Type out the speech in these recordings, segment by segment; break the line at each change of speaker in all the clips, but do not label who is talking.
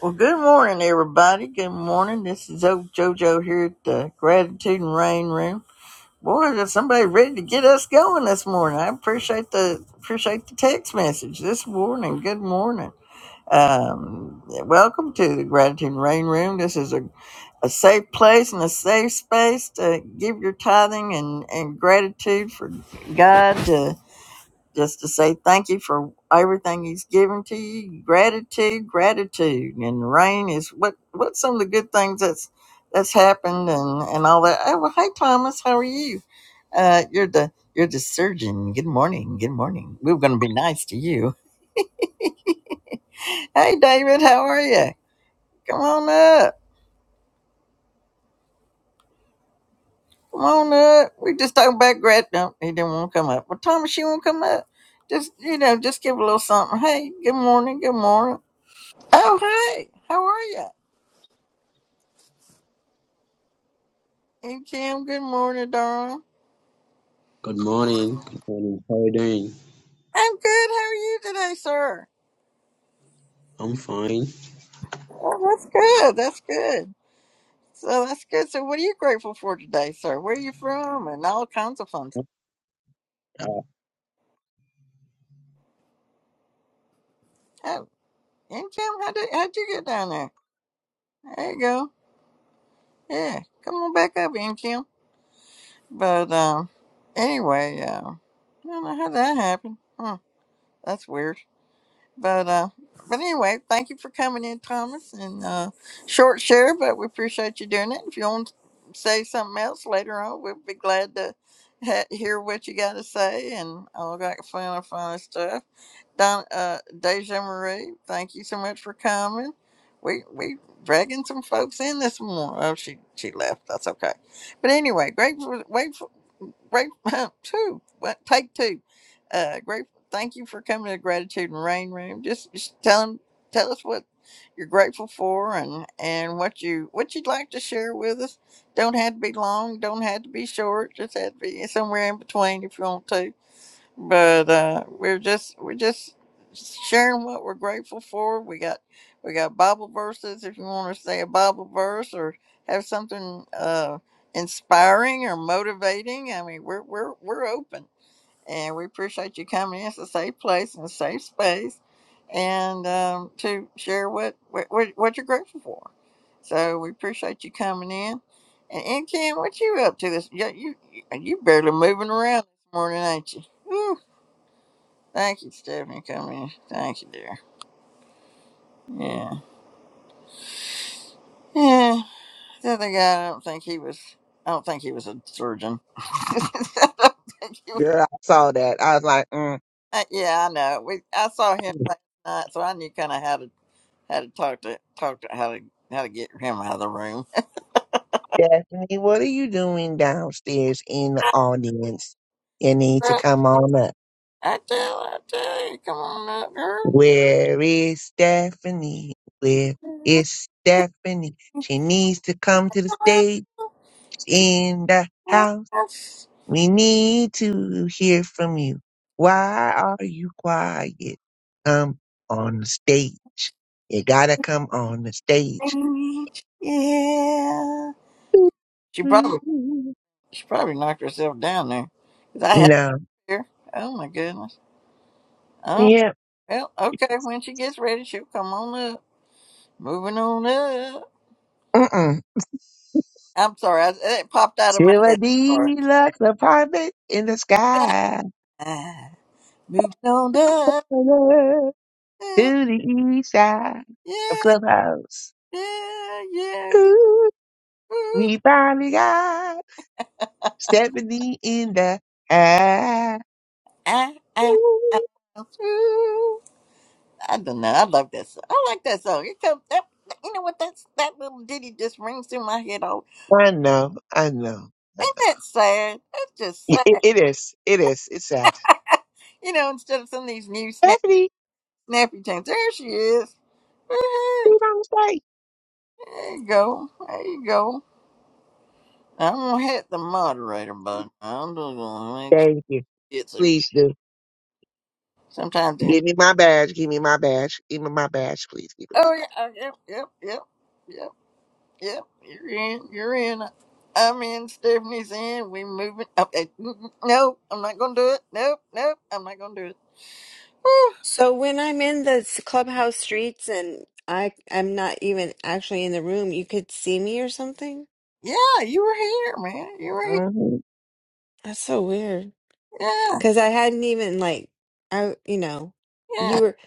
Well, good morning, everybody. Good morning. This is old JoJo here at the Gratitude and Rain Room. Boy, there's somebody ready to get us going this morning. I appreciate the appreciate the text message this morning. Good morning. Um, welcome to the Gratitude and Rain Room. This is a, a safe place and a safe space to give your tithing and, and gratitude for God. to just to say thank you for everything he's given to you. Gratitude, gratitude, and rain is what whats some of the good things that's that's happened and and all that. Oh, well, hey Thomas, how are you? Uh, you're the you're the surgeon. Good morning. Good morning. We are going to be nice to you. Hey David, how are you? Come on up. Come on up. We just talking about grat. No, he didn't want to come up. Well, Thomas, you want to come up? Just you know, just give a little something. Hey, good morning. Good morning. Oh, hey, how are you? Hey Jim, good morning, darling.
Good morning. Good morning. How are you doing?
I'm good. How are you today, sir?
I'm fine.
Oh, that's good. That's good. So that's good. So what are you grateful for today, sir? Where are you from? And all kinds of fun. Oh, Incam, how did how'd you get down there? There you go. Yeah, come on back up, Incam. But um, anyway, uh, I don't know how that happened. Huh, that's weird. But uh, but anyway, thank you for coming in, Thomas, and uh, short share. But we appreciate you doing it. If you want to say something else later on, we'd be glad to ha- hear what you got to say and all that fun, fun stuff. Don uh, Deja Marie, thank you so much for coming. We we dragging some folks in this morning. Oh, she she left. That's okay. But anyway, grateful great two what take two uh grateful thank you for coming to the gratitude and rain room just, just tell 'em- tell us what you're grateful for and and what you what you'd like to share with us don't have to be long don't have to be short just have to be somewhere in between if you want to but uh, we're just we're just sharing what we're grateful for. We got we got Bible verses if you want to say a Bible verse or have something uh, inspiring or motivating. I mean, we're we're we're open, and we appreciate you coming in. It's a safe place and a safe space, and um, to share what what what what you're grateful for. So we appreciate you coming in. And, and Ken, what you up to this? yeah, You, you you barely moving around this morning, ain't you? Thank you, Stephanie, coming. Thank you, dear. Yeah. Yeah. The other guy, I don't think he was. I don't think he was a surgeon. I don't think he was.
Girl, I saw that. I was like, mm,
uh, Yeah, I know. We I saw him last night, so I knew kind of how to how to talk to talk to how to how to get him out of the room.
Daphne, what are you doing downstairs in the audience? You need to come on up.
I tell, I tell you, come on up, girl.
Where is Stephanie? Where
Come
is Stephanie? She needs to come to the
on
stage
up
in the
on
house. We need to hear from you. Why are you quiet? Come on the stage. You gotta come on the stage.
stage. Yeah. She probably she probably knocked herself down there. 'Cause I
No.
here. Oh my goodness. Oh
Yeah.
well, okay. When she gets ready, she'll come on up. Moving on up.
Mm-mm.
I'm sorry, I, it popped out of my
Till a
head. Sorry.
deluxe apartment in the
Yeah.
sky.
Ah, moving on up.
To
Yeah,
the east side of Clubhouse.
yeah, yeah.
Ooh,
Ooh,
we finally got Stephanie in the house.
I, I, I, ooh. I don't know. I love that song. I like that song. It comes that. You know what? That's that little ditty just rings through my head. All
I know, I know, I
ain't
know.
that sad? That's just
It,
sad.
it is, it is, it's sad.
You know, instead of some of these new snap,
Stephanie,
snappy tunes, there she is. Eh,
you don't say.
There you go. There you go. I'm gonna hit the moderator button. I'm just gonna make sure
Thank you.
it's a,
Please do.
sometimes it,
Give me my badge, give me my badge, give me my badge, please. Give me
oh yeah, uh, yep, yep, yep, yep, yep. You're in. You're in. I'm in. Stephanie's in. We moving. Up. eh, mm, mm, No, I'm not gonna do it. Nope, nope. I'm not gonna do it. Whew.
So when I'm in the s- clubhouse streets and I I'm not even actually in the room, you could see me or something?
Yeah, you were here, man. You were here.
my
That's so weird.
Yeah,
'Cause I hadn't even like I you know,
yeah.
you were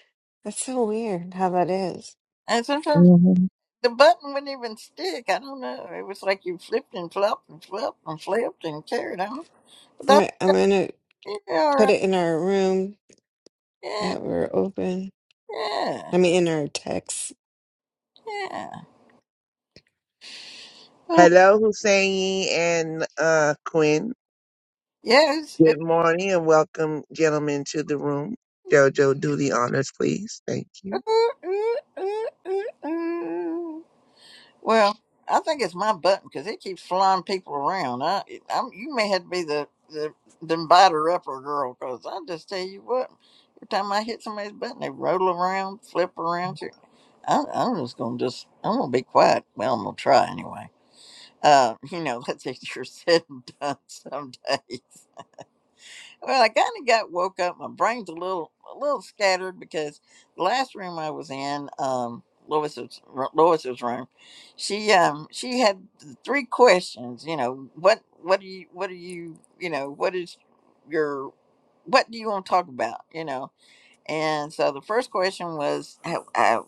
that's so weird how that is.
And sometimes
hmm
the button wouldn't even stick. I don't know. It was like you flipped and flopped and flopped and flipped and carried on.
All right, I'm gonna
Yeah, all
put
right.
it in our room
Yeah,
that we're open.
yeah,
I mean in our text.
yeah. Uh,
Hello, Hussein and uh, Quinn.
yes.
Good morning and welcome, gentlemen, to the room. Jojo, do the honors, please. Thank you.
It's, ooh, ooh, ooh, ooh, ooh. Well, I think it's my button because it keeps flying people around. I, I'm, you may have to be the the, the biter upper girl because I just tell you what, every time I hit somebody's button, they roll around, flip around. Here. I, I'm just gonna just, I'm gonna be quiet. Well, I'm gonna try anyway. Uh, you know that's easier said than done someday. Well, I kind of got woke up. My brain's a little a little scattered because the last room I was in, um, Lois's Lois's room, she um she had th- three questions. You know what what do you what do you you know what is your what do you want to talk about? You know, and so the first question was, how, how,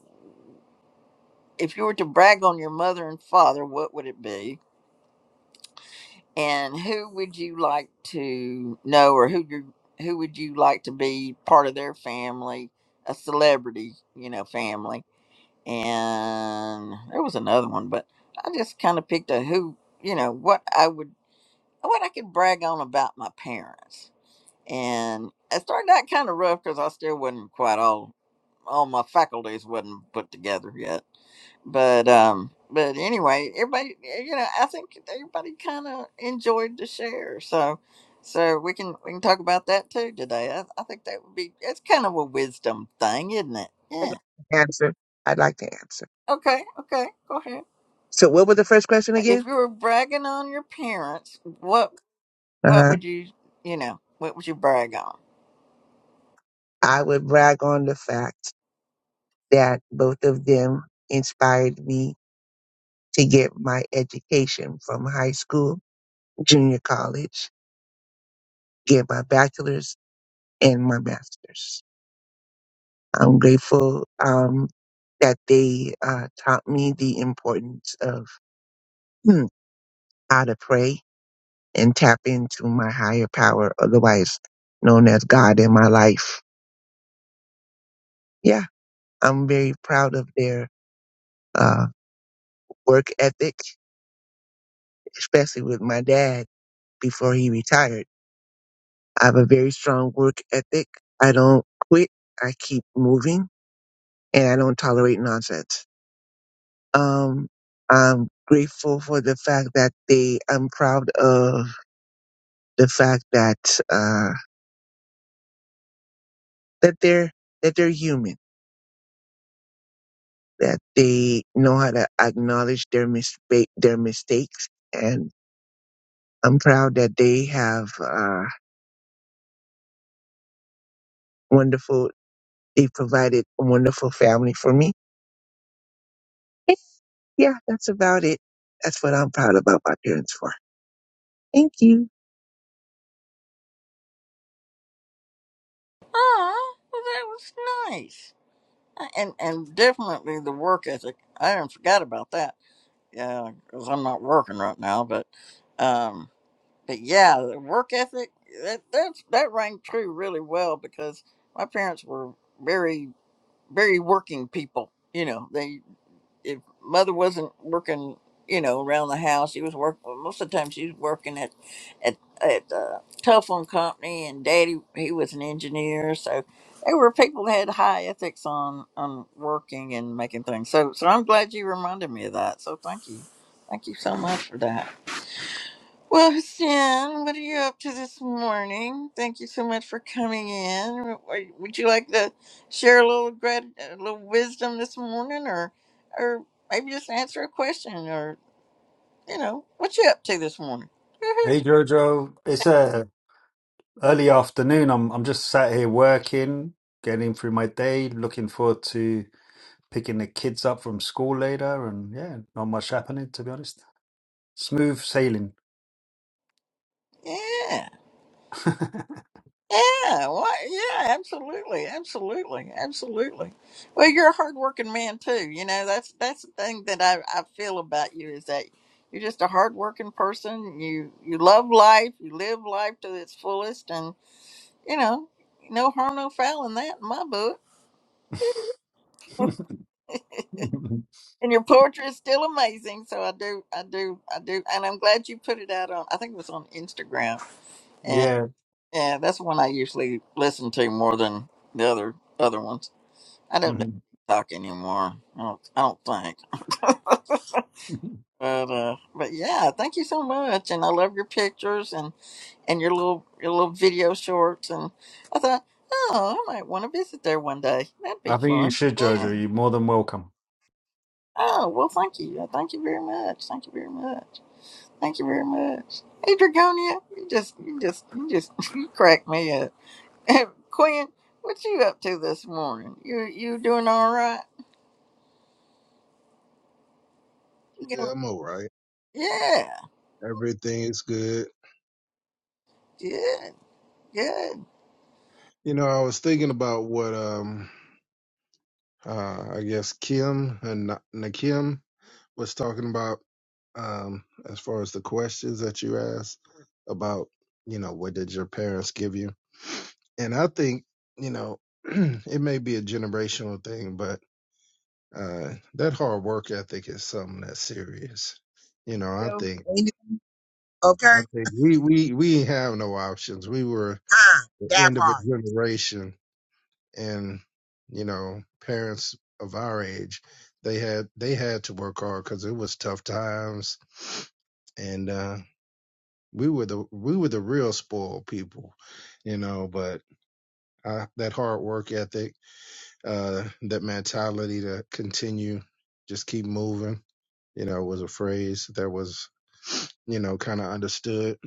if you were to brag on your mother and father, what would it be? And who would you like to know, or who you, who would you like to be part of their family, a celebrity, you know, family? And there was another one, but I just kind of picked a who, you know, what I would, what I could brag on about my parents. And it started out kind of rough because I still wasn't quite all, all my faculties wasn't put together yet but um but anyway everybody eh, you know i think everybody kind of enjoyed the share so so we can we can talk about that too today i, I think that would be it's kind of a wisdom thing isn't it
I'd like
yeah
to Answer. I'd like to answer.
okay okay go ahead
So, what was the first question
Uh, if
again?
you were bragging on your parents what what
Uh-huh.
would you you know what would you brag on
I would brag on the fact that both of them inspired me to get my education from high school, junior college, get my bachelor's and my master's. I'm grateful um, that they uh, taught me the importance of hmm, how to pray and tap into my higher power, otherwise known as God in my life. Yeah, I'm very proud of their uh, work ethic, especially with my dad before he retired. I have a very strong work ethic. I don't quit. I keep moving and I don't tolerate nonsense. Um, I'm grateful for the fact that they, I'm proud of the fact that uh, that they're that they're human, that they know how to acknowledge their mistake their mistakes, and I'm proud that they have uh, wonderful. They provided a wonderful family for me. Yeah, that's about it. That's what I'm proud about my parents for. Thank you.
oh well that was nice Uh, and and definitely the work ethic i didn't forget about that yeah because i'm not working right now but um. But yeah, the work ethic that that's, that rang true really well because my parents were very very working people. You know, they if mother wasn't working, you know, around the house, she was working. Most of the time, she was working at at at a telephone company, and daddy he was an engineer, so they were people that had high ethics on on working and making things. So so I'm glad you reminded me of that. So thank you, thank you so much for that. Well, Hassan, what are you up to this morning? Thank you so much for coming in. W- w- Would you like to share a little grat- a little wisdom this morning, or, or maybe just answer a question, or you know, what you up to this morning?
Hey Jojo, it's uh, early afternoon. I'm I'm just sat here working, getting through my day, looking forward to picking the kids up from school later, and yeah, not much happening to be honest. Smooth sailing.
yeah. Yeah, well, yeah, absolutely, absolutely, absolutely. Well, you're a hardworking man too. You know, that's that's the thing that I, I feel about you is that you're just a hardworking person. You you love life. You live life to its fullest, and you know, no harm, no foul in that in my book. And your poetry is still amazing. So I do, I do, I do, and I'm glad you put it out on. I think it was on Instagram, and
Yeah.
yeah, that's the one I usually listen to more than the other other ones. I don't do
Mhm.
TikTok anymore. I don't, I don't think. But uh, but yeah, thank you so much, and I love your pictures and and your little your little video shorts. And I thought, oh, I might want to visit there one day. That'd be
I think you
fun.
should,
Yeah.
Jojo. You're more than welcome.
Oh well, thank you. Uh, Thank you very much. Thank you very much. Thank you very much. Hey, Dragonia, you just you just you just you crack me up. Quinn, what you up to this morning? You you doing all right? You
Yeah,
go-
I'm all right.
Yeah.
Everything is good.
Good. Good.
You know, I was thinking about what um uh I guess Kim and Na- Nakim was talking about um as far as the questions that you asked about, you know, what did your parents give you? And I think, you know, it may be a generational thing, but uh that hard work ethic is something that's serious. You know, I
So,
think
okay,
I think we we we ain't have no options. We were
ah,
the
that
end of a
part.
generation and you know parents of our age they had they had to work hard because it was tough times and uh we were the we were the real spoiled people you know but I, that hard work ethic uh that mentality to continue just keep moving you know was a phrase that was you know kind of understood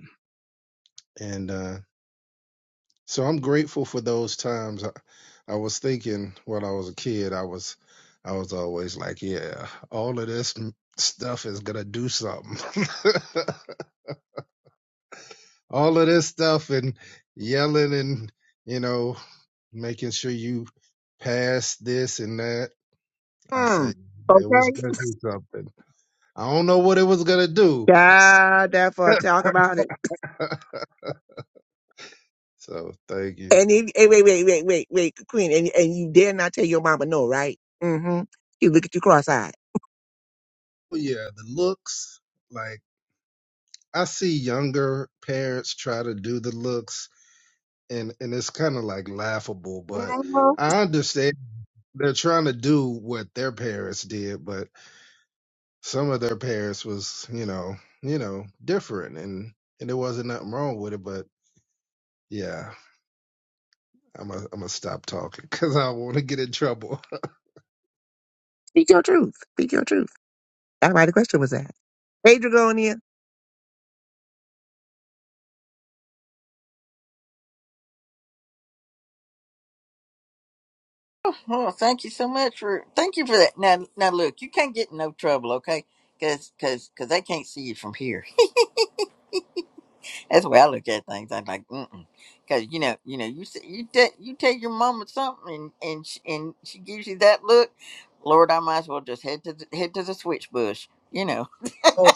and. uh, So I'm grateful for those times. I, I was thinking when I was a kid, I was, I was always like, yeah, all of this m- stuff is gonna do something. All of this stuff and yelling and you know making sure you pass this and that. I
Hmm.
said "Yeah, it was
Okay.
gonna do something. I don't know what it was gonna do.
Yeah, that part. Talk about it.
So thank you.
And if, hey, wait, wait, wait, wait, wait, Queen, and and you dare not tell your mama no, right? Mm-hmm. You look at you cross-eyed.
But yeah, the looks like I see younger parents try to do the looks and and it's kind of like laughable, but
Mhm.
I understand they're trying to do what their parents did, but some of their parents was, you know, you know, different, and and there wasn't nothing wrong with it, but yeah, I'm a, I'm gonna stop talking because I want to get in trouble,
Speak your truth. Speak your truth. That's why the question was asked. Hey, Dragonia.
Oh, thank you so much for thank you for that. Now, now look, you can't get in no trouble, okay? Cause, cause, cause they can't see you from here. That's the way I look at things. I'm like, mm cause you know, you know, you say, you te- you tell your mama something, and and she, and she gives you that look. Lord, I might as well just head to the, head to the switch bush. You know.
Oh,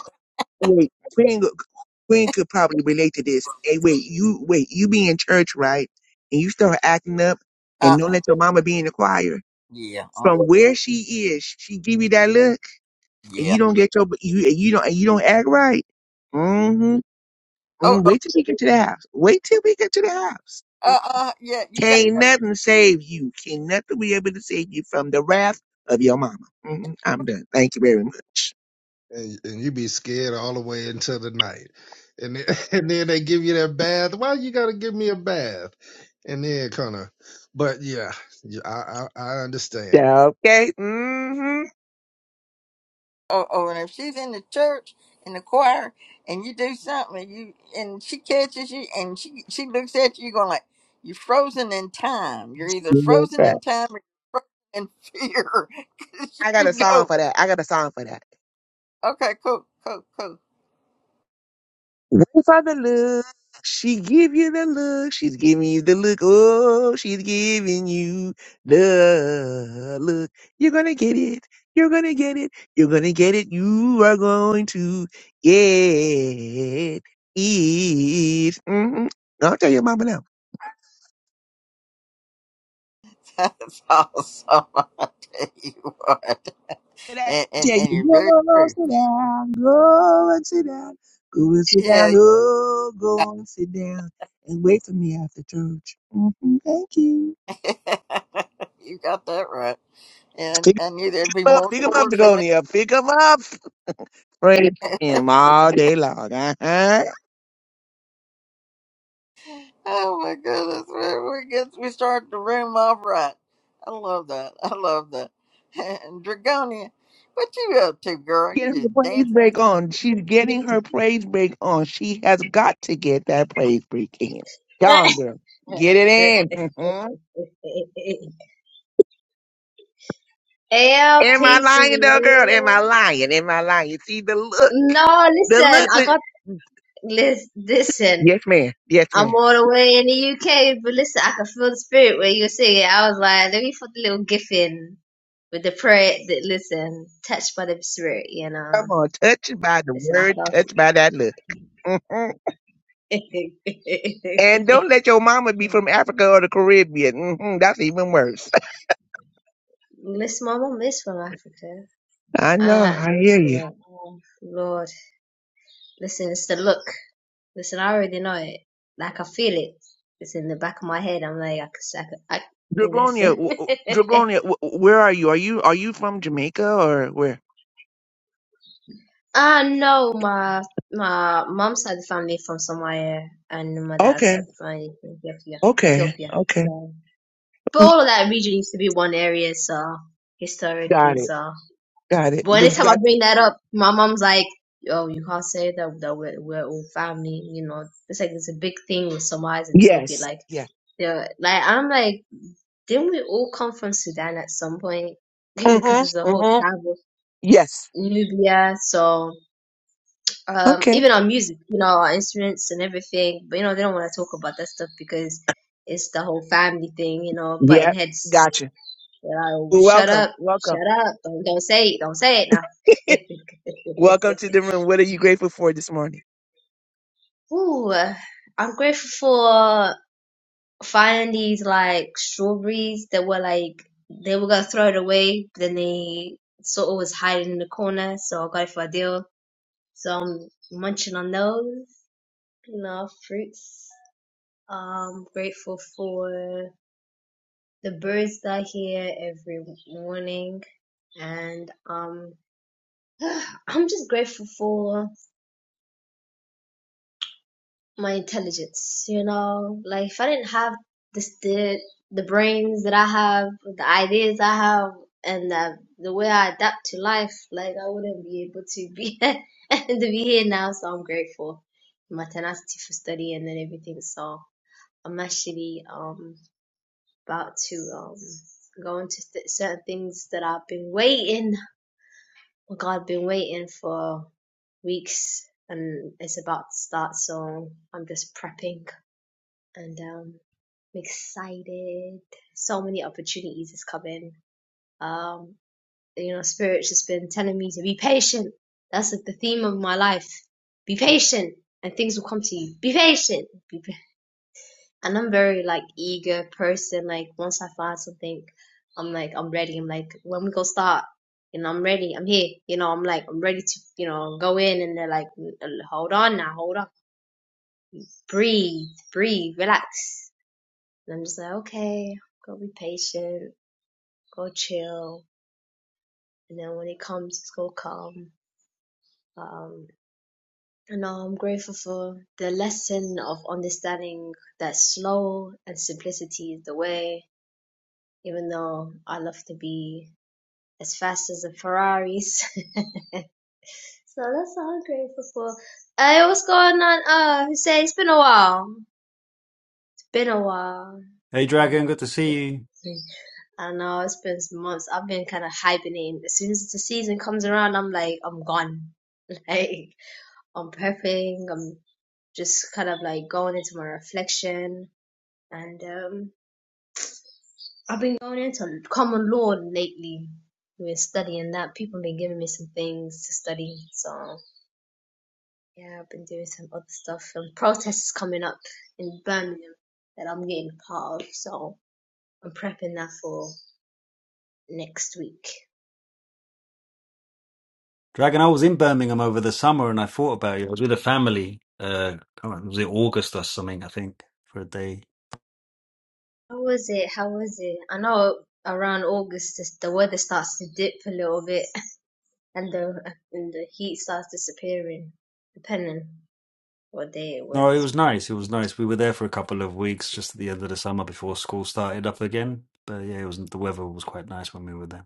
wait, Queen. Queen could probably relate to this. Hey, wait, you wait, you be in church, right? And you start acting up,
Uh.
and don't
uh
let your mama be in the choir.
Yeah. Uh.
From
uh
where she is, she give you that look, and
yeah.
you don't get your you and you don't and you don't act right. Mm-hmm.
Oh.
Mm,
oh.
wait till we get to the house. Wait till we get to the house.
Uh. uh yeah. You got.
Can't nothing save you. Can't nothing be able to save you from the wrath of your mama. hmm I'm done. Thank you very much.
and and you be scared all the way until the night, and then, and then they give you that bath. Why you gotta give me a bath? And then kind of, but yeah, yeah, I I, I understand.
Yeah, Okay. mm
or, or if she's in the church in the choir and you do something and you and she catches you and she she looks at you you're going like you're frozen in time you're either frozen
hmm
in time or you're frozen in fear 'Cause
I got
you
a song
know
for that. I got a song for that.
okay cool cool cool
Wait for the look. She give you the look. She's giving you the look. Oh, she's giving you the look. You're gonna get it. You're gonna get it. You're gonna get it. You are going to get it. hmm I'll tell your mama now.
that's awesome i tell you what
And I
and, and
tell
and
you,
you're very
go
true
sit down. Go and sit down. Go and sit
yeah
down. Oh, go and sit down. And wait for me after church. hmm Thank you.
you got that right and i knew there'd be
up,
more
pick him up,
tours for
Dagonia. Pick him up. Praise
me
him all day long. Uh-huh.
Oh my goodness, man. We get we start the room off right. I love that. I love that. And Dragonia, what you up to, girl? You
Getting her
just
praise
dancing.
break on. She's getting her praise break on. She has got to get that praise break in. Come on, girl. Get it in. Mhm.
yeah,
Am I
peace in the
lying, though, girl? Am
room.
I lying? Am I lying? See the look.
No,
The
listen,
look
I
was.
got lis- listen.
Yes, ma'am. Yes,
I'm
ma'am.
all the way in the UK, but listen, I could feel the spirit when you were singing. I was like, let me put the little gif in with the prayer. That listen, touched by the spirit, you know.
Come on. Touched by the
Listen, I
word,
felt
touched by that look. hmm
it.
And don't let your mama be from Africa or the Caribbean. hmm That's even worse.
listen, my mom is from Africa.
I know.
Uh,
I hear you.
listen, oh, Lord, listen, it's the look. Listen, I already know it. Like I feel it. It's in the back of my head. I'm like, I could, I could, I
Dragonia,
listen.
w- w- Dragonia, w- where are you? Are you are you from Jamaica or where?
I know my my mom's side of the family from Somalia and my dad's
Okay,
side of the family from Ethiopia.
okay,
Ethiopia.
okay.
So, but
Mm,
all of that region used to be one area. So historically,
Got it,
so
got it.
but
Good,
anytime I
got
bring
it.
that up, my mom's like. Oh, you can't say that that we're, we're all family, you know. It's like it's a big thing with Somalis and Ethiopia.
Yes,
Like,
yeah.
they're like, I'm like, Didn't we all come from Sudan at some point? Because
Mhm,
it's a whole
mhm.
travel.
Yes.
Nubia, so um,
Okay.
even our music, you know, our instruments and everything, but you know, they don't want to talk about that stuff because it's the whole family thing, you know, button
Yep.
heads.
Gotcha.
You know,
Well,
shut
welcome,
up,
welcome,
shut up, don't, don't say it, don't say it now.
welcome to the room. What are you grateful for this morning?
Ooh, uh, I'm grateful for. finding these like strawberries that were like they were gonna throw it away, but then they sort of was hiding in the corner, so I got it for a deal. So I'm munching on those, you know, fruits. Um grateful for the birds that I hear every morning and um I'm just grateful for my intelligence. You know, like if I didn't have this, the the brains that I have, the ideas I have, and the, the way I adapt to life, like I wouldn't be able to be to be here now. So I'm grateful for my tenacity for study and then everything. So I'm actually um about to um go into th- certain things that I've been waiting. Oh God, I've been waiting for weeks and it's about to start so i'm just prepping and um, I'm excited. So many opportunities is coming. Um, you know, spirit's just been telling me to be patient. That's like the theme of my life. Be patient, and things will come to you. Be patient. Be pa- and I'm very like eager person. Like once I find something, I'm like I'm ready. I'm like when we gonna start. You know, I'm ready. I'm here. You know, I'm like I'm ready to you know go in, and they're like, hold on now, hold on, breathe, breathe, relax And I'm just like, okay, go be patient, go chill. And then when it comes, it's gonna come. Um, and um, I'm grateful for the lesson of understanding that slow and simplicity is the way, even though I love to be as fast as the Ferraris. so that's all I'm grateful for. Hey, what's going on? Uh, Hussein, it's been a while. It's been a while.
Hey
I
Dragon,
know.
good to see you.
I don't know, it's been some months. I've been kind of hibernating. As soon as the season comes around, I'm like, I'm gone. Like, I'm prepping. I'm just kind of like going into my reflection. And um, I've been going into common law lately. We're studying that. People have been giving me some things to study. So, yeah, I've been doing some other stuff. And protests coming up in Birmingham that I'm getting part of. So, I'm prepping that for next week.
Dragon, I was in Birmingham over the summer and I thought about you. I was with a family. Uh, I can't remember, was it August or something, I think, for a day.
How was it? How was it? I know around August this- the weather starts to dip a little bit and the and the heat starts disappearing, depending what day it
No, it
was.
was
But
nice. It was nice. We were there for a couple of weeks just at the end of the summer before school started up again. But yeah, it was the weather was quite nice when we were there.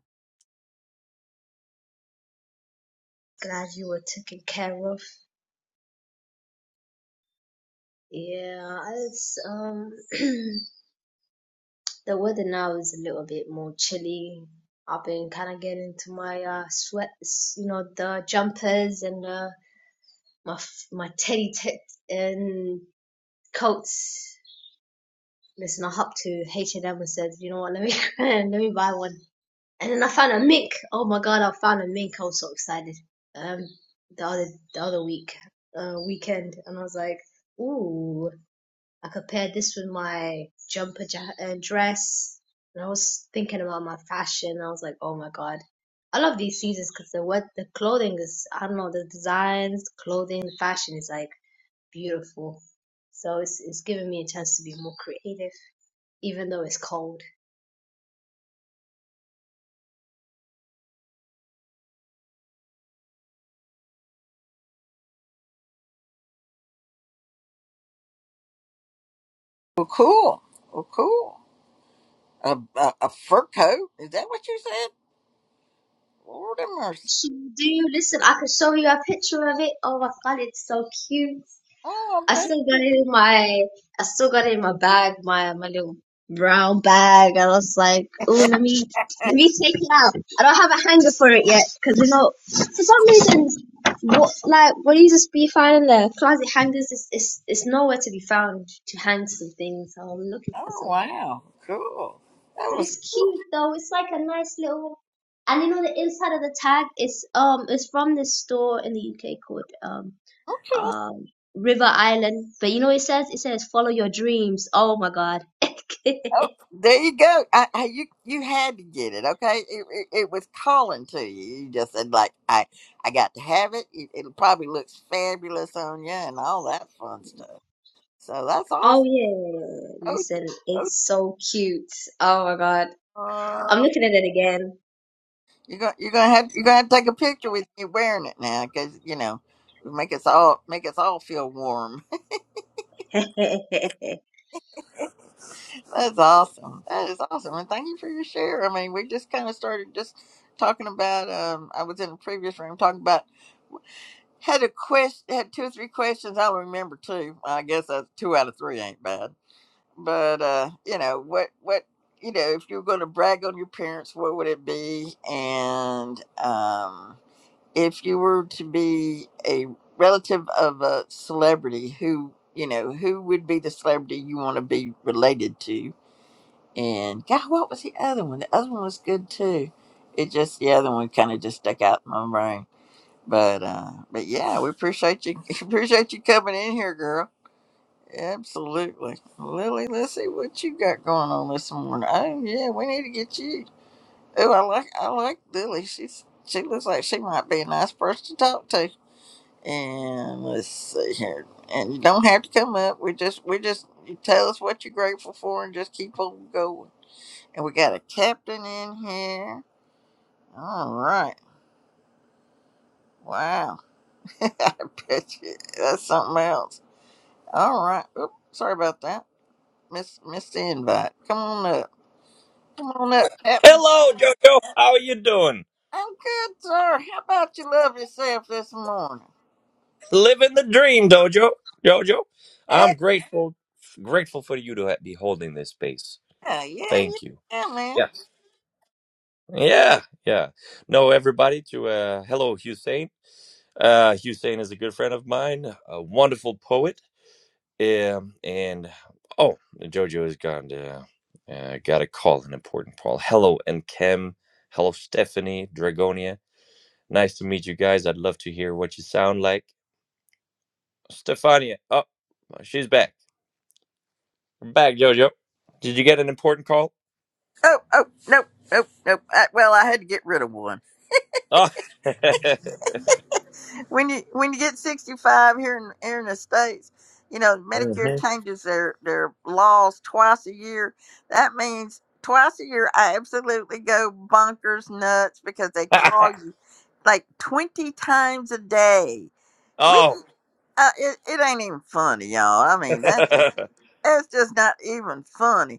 glad you were taken care of. Yeah, it's um the weather now is a little bit more chilly. I've been kind of getting into my uh sweats, you know, the jumpers and uh my f- my teddy t- and coats Listen, I hopped to H&M and M and said, you know what, let me let me buy one. And then I found a mink. Oh my god, I found a mink. I was so excited. Um, the other the other week, uh, weekend, and I was like, ooh, I could pair this with my jumper ja- uh, dress. And I was thinking about my fashion. I was like, oh my god, I love these seasons because the what the clothing is. I don't know the designs, the clothing, the fashion is like beautiful. So it's it's giving me a chance to be more creative even though it's cold.
Well, cool. Well, cool. A, a, a fur coat? Is that what you said? Lord have mercy.
She, do listen? I could show you a picture of it. Oh my god, it's so cute.
Oh, I
I
bet.
still got it in my, I still got it in my bag, my my little brown bag. I was like, oh, let me let me take it out. I don't have a hanger for it yet because you know, for some reason, what like what you just be finding there closet hangers is is is nowhere to be found to hang some things. So I'm looking for
Oh,
some.
wow. Cool. That
But
was
it's
cool.
cute though. It's like a nice little. And you know the inside of the tag is um is from this store in the UK called um
Okay.
um River Island. But you know it says it says follow your dreams. Oh my god.
Oh, there you go. I, I, you you had to get it. Okay, it, it, it was calling to you. You just said like I I got to have it. it. It probably looks fabulous on you and all that fun stuff. So that's
oh
awesome.
yeah.
Oh,
Listen,
yeah.
it's so cute. Oh my god.
oh
I'm
yeah. uh,
looking at it
you're gonna you're gonna have you're gonna have to take a picture with me wearing it now because you know it'll make us all make us all feel warm.
again.
that's awesome. That is awesome. And thank you for your share. I mean, we just kind of started just talking about. Um, I was in a previous room talking about. Had a question, had two or three questions. I'll remember two. I guess that's two out of three ain't bad. But uh, you know what? What you know, if you were going to brag on your parents, what would it be? And um, if you were to be a relative of a celebrity, who you know, who would be the celebrity you want to be related to? And God, what was the other one? The other one was good too. It just the other one kind of just stuck out in my brain. But uh, but yeah, we appreciate you appreciate you coming in here, girl. Absolutely, Lily. Let's see what you got going on this morning. Oh yeah, we need to get you. Oh, I like I like Lily. She's she looks like she might be a nice person to talk to. And let's see here. And you don't have to come up. We just we just you tell us what you're grateful for and just keep on going. And we got a captain in here. All right. Wow. I bet you that's something else. All right. Oop, sorry about that. Miss missed the invite. Come on up. Come on up, Captain.
Hello, Jojo. How are you doing?
I'm good, sir. How about you love yourself this morning?
Living the dream, Dojo. Jojo,
Eh,
I'm grateful, grateful for you to ha- be holding this space.
Yeah, yeah,
Thank you.
yeah, man.
Yeah, yeah, yeah. No, everybody. To uh, hello, Hussein. Uh, Hussein is a good friend of mine, a wonderful poet. Um, and oh, Jojo has gone to uh, got a call, an important call. Hello, and Kem. Hello, Stephanie Dragonia. Nice to meet you guys. I'd love to hear what you sound like. Stefania. Oh, well, she's back. We're back, Jojo. Did you get an important call?
Oh, oh, nope, nope, nope. I, well, I had to get rid of one.
Oh.
when you when you get 65 here in here in the states you know medicare
Mhm.
changes their their laws twice a year that means twice a year i absolutely go bonkers nuts because they call you like 20 times a day we
oh.
uh, it, it ain't even funny y'all i mean that's just that's just not even funny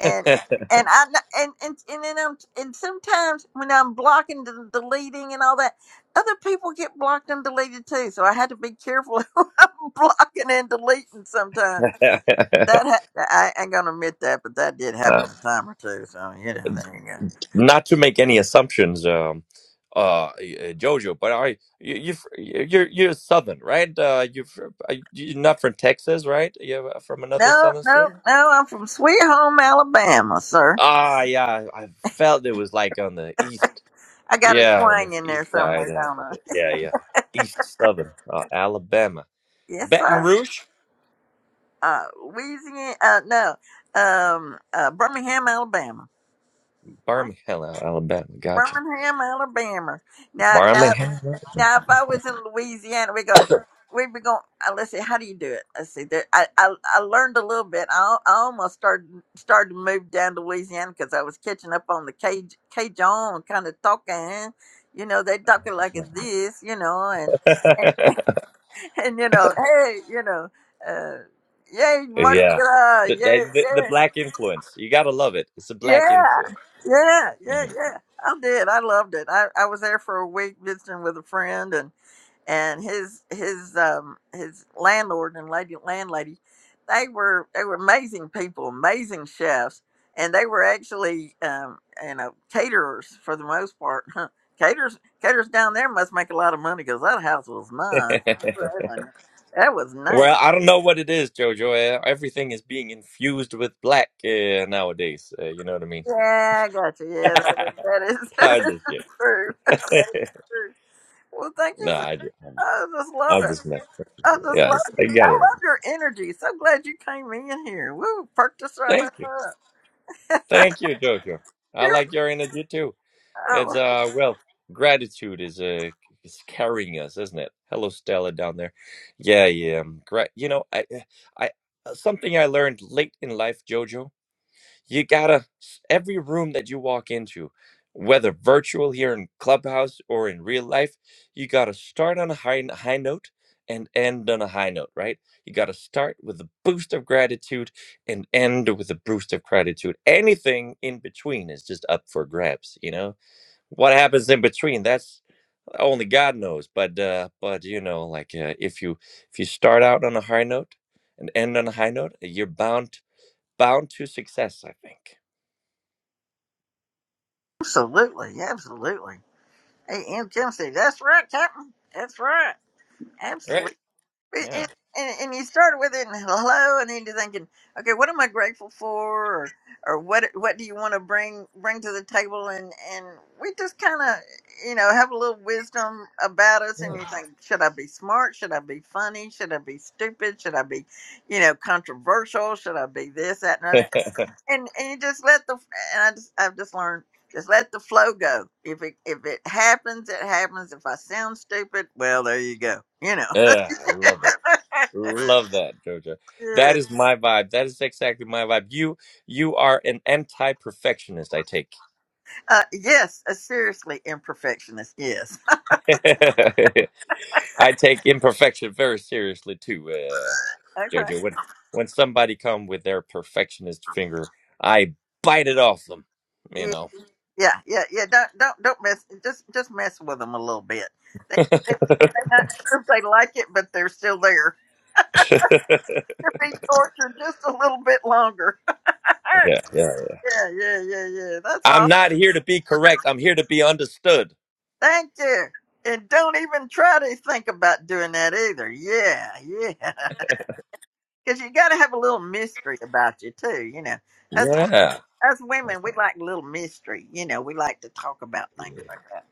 and and I and and and then I'm and sometimes when I'm blocking and deleting and all that, other people get blocked and deleted too. So I had to be careful who I'm blocking and deleting sometimes. That ha- I ain't gonna admit that, but that did happen
Uh,
a time or two. So you know, there you go.
Not to make any assumptions, um, uh, uh, Jojo, but I, you, you, you're you're Southern, right? Uh, you, uh, you're not from Texas, right? You're from another
No,
Southern state.
no, no. I'm from Sweet Home, Alabama, sir.
Ah, yeah. I felt it was like on the east.
I got a
Yeah, on
twang
this
in there
east
somewhere,
side uh,
don't
of
I?
it. Yeah, yeah. East Southern, uh, Alabama.
Yes,
Baton
sir.
Rouge?
Uh, Louisiana. Uh, no. Um, uh, Birmingham, Alabama.
Birmingham, Alabama. Gotcha.
Birmingham, Alabama. Now, now,
Birmingham?
now, if I was in Louisiana, we go, we'd be going. Uh, let's see, how do you do it? Let's see. There, I, I, I learned a little bit. I, al- I almost started started to move down to Louisiana because I was catching up on the Caj- Cajun kind of talking. You know, they talking like it's this. You know, and and you know, hey, you know, uh, yay, Mardi
yeah.
Gras,
The,
yeah,
the, the
yeah.
black influence. You gotta love it. It's a black
Yeah,
influence.
yeah, yeah,
Mhm.
yeah. I did. I loved it. I, I was there for a week visiting with a friend, and and his his um his landlord and lady landlady, they were they were amazing people, amazing chefs, and they were actually um you know caterers for the most part. Huh. Caterers caterers down there must make a lot of money because that house was nice. I'm telling you. That was nice.
well, I don't know what it is, Jojo. Uh, Everything is being infused with black uh, nowadays. Uh, you know what I mean?
Yeah, I got you. Yeah, that,
I
that is that
just kid.
is true. Well, thank you
no,
so
I, I'm,
I just love
I'm
it.
just messing. with
I
you.
just love
Yes, I
you. I
gotta love
love
it.
your energy. So glad you came in here. Woo, perked us right
Thank
up.
you. Thank you, Jojo. I
You're
like your energy too. It's
oh,
uh well, gratitude is uh is carrying us, isn't it? Hello, Stella down there. Yeah, yeah. um, Gra- you know, I I I- something I learned late in life, Jojo you gotta every room that you walk into whether virtual here in clubhouse or in real life you gotta start on a high, high note and end on a high note right you gotta start with a boost of gratitude and end with a boost of gratitude anything in between is just up for grabs you know what happens in between that's only god knows but uh but you know like uh, if you if you start out on a high note and end on a high note you're bound bound to success i think
absolutely, absolutely. Hey, M. Jim said, that's right, Captain. That's right.
Right?
But-
Yeah.
And, and, and you start with it and hello, and then you're thinking, okay, what am I grateful for, or, or what what do you want to bring bring to the table, and and we just kind of you know have a little wisdom about us, and
Yeah.
you think, should I be smart? Should I be funny? Should I be stupid? Should I be, you know, controversial? Should I be this, that, and other? And and you just let the and I just I've just learned. Just let the flow go. If it if it happens, it happens. If I sound stupid, well, there you go. You know.
yeah. I love it. Love that, Jojo. That is my vibe. That is exactly my vibe. You you are an anti-perfectionist, I take.
Uh, yes, a seriously imperfectionist. Yes.
I take imperfection very seriously too, uh,
okay.
Jojo. When when somebody come with their perfectionist finger, I bite it off them, you
Yeah,
know.
yeah, yeah, yeah. Don't don't don't mess. Just just mess with them a little bit. They, they they're not sure if they like it, but they're still there.
yeah,
They're being tortured just a little bit longer. yeah,
yeah.
yeah, yeah, yeah. That's all.
I'm not here to be correct. I'm here to be understood.
Thank you. And don't even try to think about doing that either. Yeah, yeah. Because you got to have a little mystery about you too. You know. that's
Yeah.
us women, we like a little mystery. You know, we like to talk about things like that.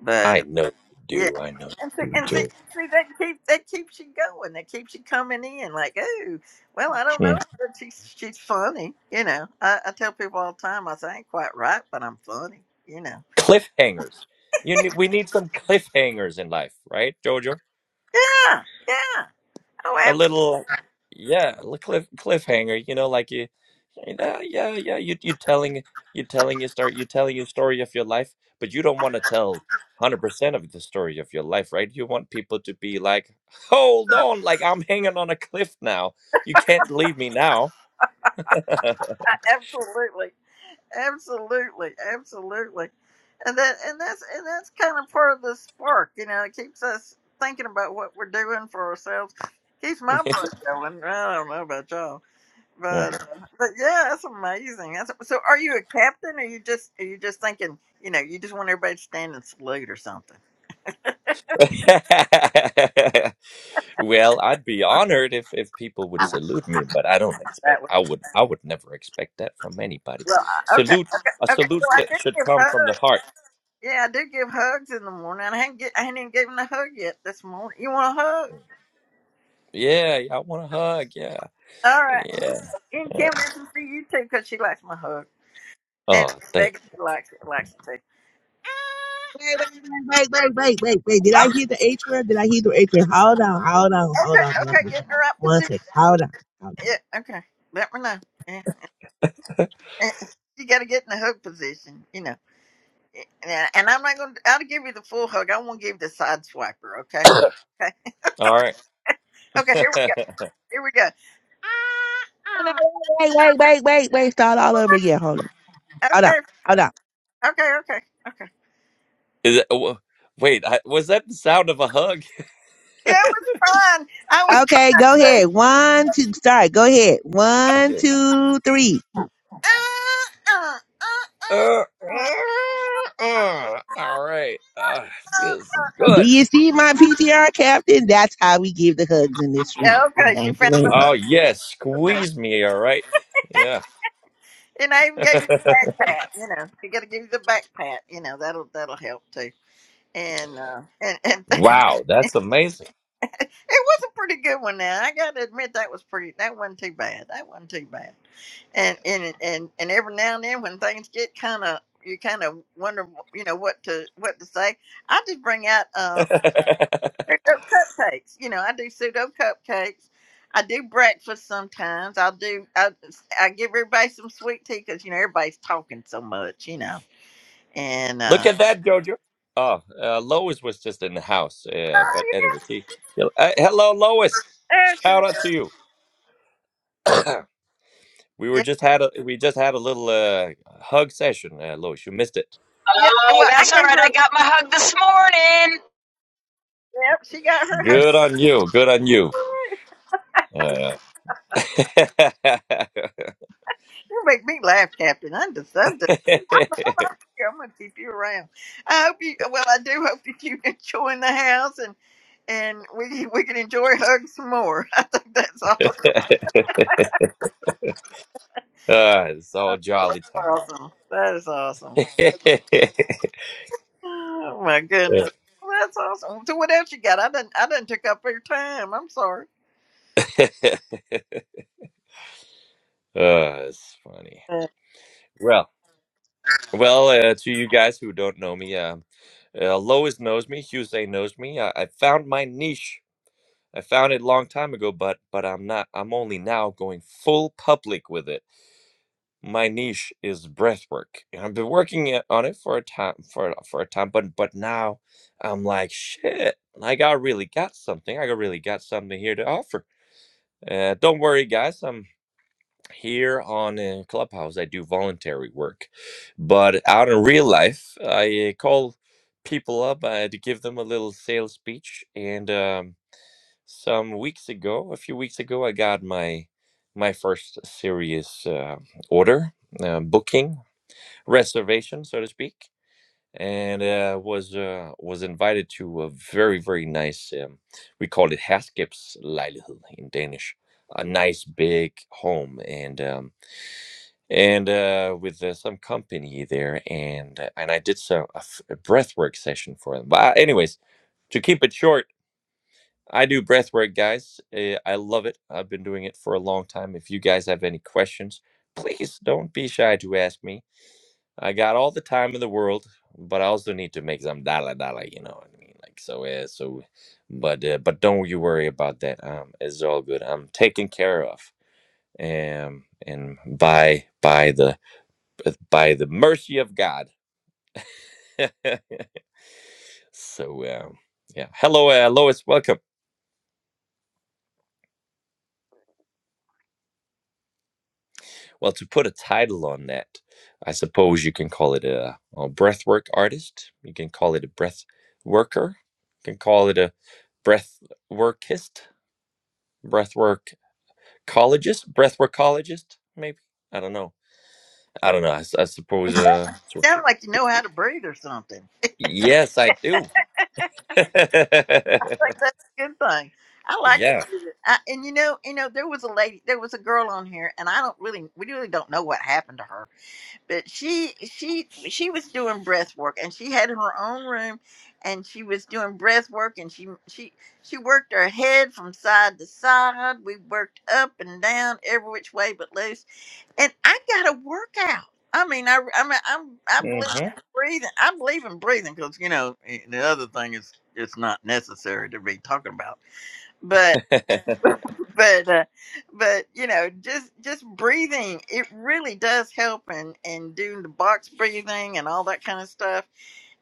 But uh,
I know you do.
yeah,
I know
and see,
you do,
and see,
Joe.
see that keep that keeps you going. That keeps you coming in. Like, oh, well, I don't know,
Mm.
but she's she's funny. You know, I, I tell people all the time, I say I ain't quite right, but I'm funny. You know.
Cliffhangers. You need, we need some cliffhangers in life, right, Jojo?
Yeah, yeah. Oh,
A
abs-
little, yeah, a li- cliff cliffhanger. You know, like you, you know, yeah, yeah. You you telling you telling your story. You telling your story of your life, but you don't want to tell hundred percent of the story of your life, right? You want people to be like, hold on, like I'm hanging on a cliff now. You can't leave me now.
absolutely, absolutely, absolutely, and that and that's and that's kind of part of the spark, you know. It keeps us thinking about what we're doing for ourselves. Keeps my blood going. I don't know about y'all,
Mm.
but uh, but yeah, that's amazing. That's, so, are you a captain, or you just are you just thinking, you know, you just want everybody to stand and salute or something?
Well, I'd be honored if if people would salute me, but I don't
That
expect
was
I would I would never expect that from anybody.
well, I- okay,
Salute a
okay, okay. So
salute
I
get,
do
should
give
come from the
hugs.
heart.
Yeah, I do give hugs in the morning. I haven't get, I haven't even given a hug yet this morning. You want a hug?
Yeah, I want a hug. Yeah,
All right.
yeah,
And
yeah.
can't wait to see you too because she likes my hug. And
Oh, thank.
Megan, she likes it, likes it too.
Wait, wait, wait, wait, wait, wait, wait. wait. Did I hear the H word? Did I hear the H word? Hold on, hold on, hold
Okay,
on, hold
okay,
on.
get in the right
One
position.
sec. Hold on, hold
Yeah, okay. Let me know. Yeah. Yeah. You got to get in the hug position, you know. Yeah, And I'm not going to, I'll give you the full hug. I won't give the side swiper, okay?
All
Okay,
right.
okay, here we go. Here we go.
on. wait, wait, wait, wait. wait. Start all over again. Hold on. Hold on.
Okay,
Hold on.
okay, okay, okay.
Is that, w- wait, I, was that the sound of a hug?
Yeah, I was trying. I was
Okay, go
trying to.
ahead. One, two, start. Go ahead. One,
Okay.
two, three.
Uh, uh, uh,
Uh,
uh,
uh, uh, all right. Uh, feels
uh,
Do
good.
you see my PTR captain? That's how we give the hugs in this
uh, uh.
room.
uh. Okay, she
Thank you
found
very
the
much.
hug.
Oh yes, squeeze me. All right. Yeah.
And I even gave you the back pat. You know, you got to give you the back pat. You know, that'll that'll help too. And uh, and and it
Wow, that's amazing.
was a pretty good one. Now I got to admit that was pretty. That wasn't too bad. That wasn't too bad. And and and and every now and then when things get kind of you kind of wonder, you know, what to what to say. I just bring out uh pseudo cupcakes. You know, I do pseudo cupcakes. I do breakfast sometimes. I'll do. I I give everybody some sweet tea because you know everybody's talking so much. You know and
Look
uh,
at that, Jojo. Oh, uh, Lois was just in the house. Yeah,
Oh,
but anyway, she, she- uh, hello, Lois.
yes, sir.
Shout out to you. we were
yeah,
just had a we just had a little uh, hug session, uh, Lois. You missed it.
yeah.
Oh,
Well, I
that's all
gave
right. I
her.
got my hug this morning.
Yep, she got her hug.
Good on you. Good on you. Uh,
You make me laugh, Captain. I am this. something. I'm gonna keep you around. I hope you. Well, I do hope that you enjoy the house, and and we we can enjoy hugs some more. I think that's
uh, it's all jolly time.
awesome. That is awesome.
uh,
Oh my goodness, that's awesome. So what else you got? I didn't I didn't took up your time. I'm sorry.
it's funny.
Uh,
Well, well, uh, to you guys who don't know me, um, Uh, Lois knows me. Tuesday knows me. I, I found my niche. I found it a long time ago, but but I'm not. I'm only now going full public with it. My niche is breathwork, and I've been working it, on it for a time for a- for a time. But but now I'm like shit. Like I really got something. I got- really got something here to offer. Uh, don't worry, guys. I'm. Here on uh, Clubhouse, I do voluntary work, but out in real life, I uh, call people up uh, to give them a little sales speech. And um, some weeks ago, a few weeks ago, I got my my first serious uh, order, uh, booking, reservation, so to speak, and uh, was uh, was invited to a very very nice. Um, we call it Haskip's in Danish, a nice big home, and. Um, and uh, with uh, some company there, and uh, and I did so a, f- a breathwork session for them. But uh, anyways, to keep it short, I do breathwork, guys. Uh, I love it. I've been doing it for a long time. If you guys have any questions, please don't be shy to ask me. I got all the time in the world, but I also need to make some dollar dollar. You know what I mean? Like so, uh, so. But uh, but don't you worry about that. Um, it's all good. I'm taken care of. Um, and by by the by the mercy of God. so, uh, yeah. Hello, uh, Lois. Welcome. Well, to put a title on that, I suppose you can call it a, a breathwork artist. You can call it a breath worker. You can call it a breath workist, breathwork collegeist, breathworkologist, maybe. I don't know. I don't know. I, s- I suppose. Uh, so-
Sound like you know how to breathe or something.
yes, I do.
like that's a good thing. I like to
yeah.
believe it. I, and you know, you know, there was a lady, there was a girl on here, and I don't really, we really don't know what happened to her. But she, she, she was doing breath work, and she had her own room, and she was doing breath work, and she, she, she worked her head from side to side. We worked up and down every which way but loose and I got to work out. I mean, I, I mean, I'm, I believe
hmm
in breathing. I believe in breathing because you know eh, the other thing is it's not necessary to be talking about. But, but, uh, but you know, just just breathing, it really does help, and and doing the box breathing and all that kind of stuff.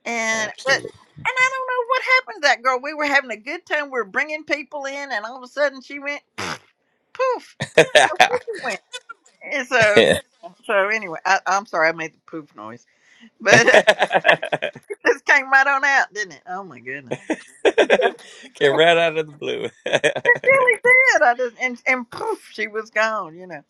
And but.
Absolutely.
And I don't know what happened to that girl. We were having a good time. We were bringing people in, and all of a sudden she went poof. Her picture went? And so, so anyway, I, I'm sorry I made the poof noise, but it just came right on out, didn't it? Oh my goodness,
Came right out of the blue.
it really did. I just and, and poof, she was gone, you know.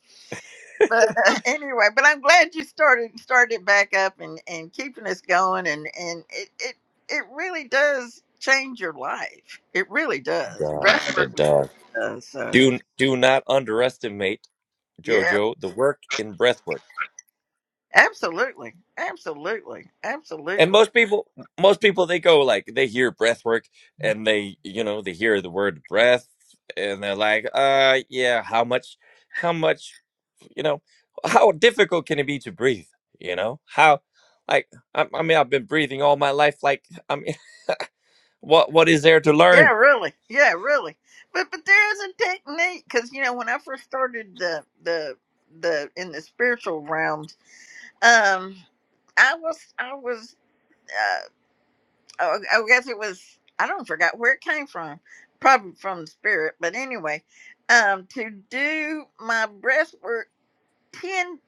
But uh, anyway, but I'm glad you started started back up and and keeping us going, and and it it it really does change your life. It really does.
does
Breath work
it
really
does.
does. So
Do do not underestimate
yeah,
Jojo the work in breathwork.
absolutely, absolutely,
And
absolutely.
most people, most people, they go like they hear breathwork and they, you know, they hear the word breath and they're like, uh, yeah, how much, how much, you know, how difficult can it be to breathe? You know, how, like, I, I mean, I've been breathing all my life. Like, I mean, what, what is there to
Yeah,
learn?
really. Yeah, really. But but there is a technique because you know when I first started the the the in the spiritual realms, um, I was I was uh, I I guess it was I don't forgot where it came from, probably from the spirit. But anyway, um, to do my breath work ten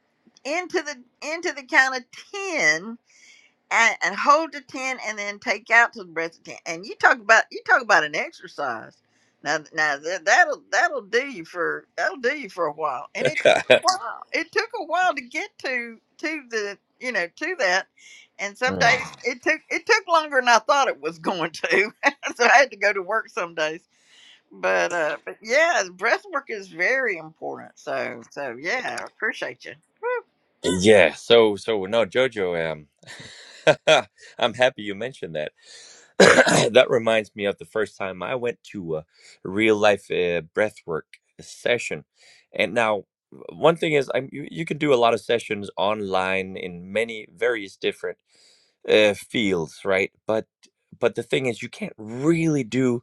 into the into the count of ten and, and hold the ten and then take out to the breath of ten. And you talk about you talk about an exercise. Now now that, that'll that'll do you for that'll do you for a while. And it took a while. It took a while to get to to the you know to that. And some
Mm.
days it took it took longer than I thought it was going to. so I had to go to work some days. But uh but yeah, breath work is very important. So so yeah, I appreciate you.
Yeah, so so no, Jojo, um, I'm happy you mentioned that. That reminds me of the first time I went to a real life uh, breathwork session. And now, one thing is, I'm, you, you can do a lot of sessions online in many various different uh, fields, right? But but the thing is, you can't really do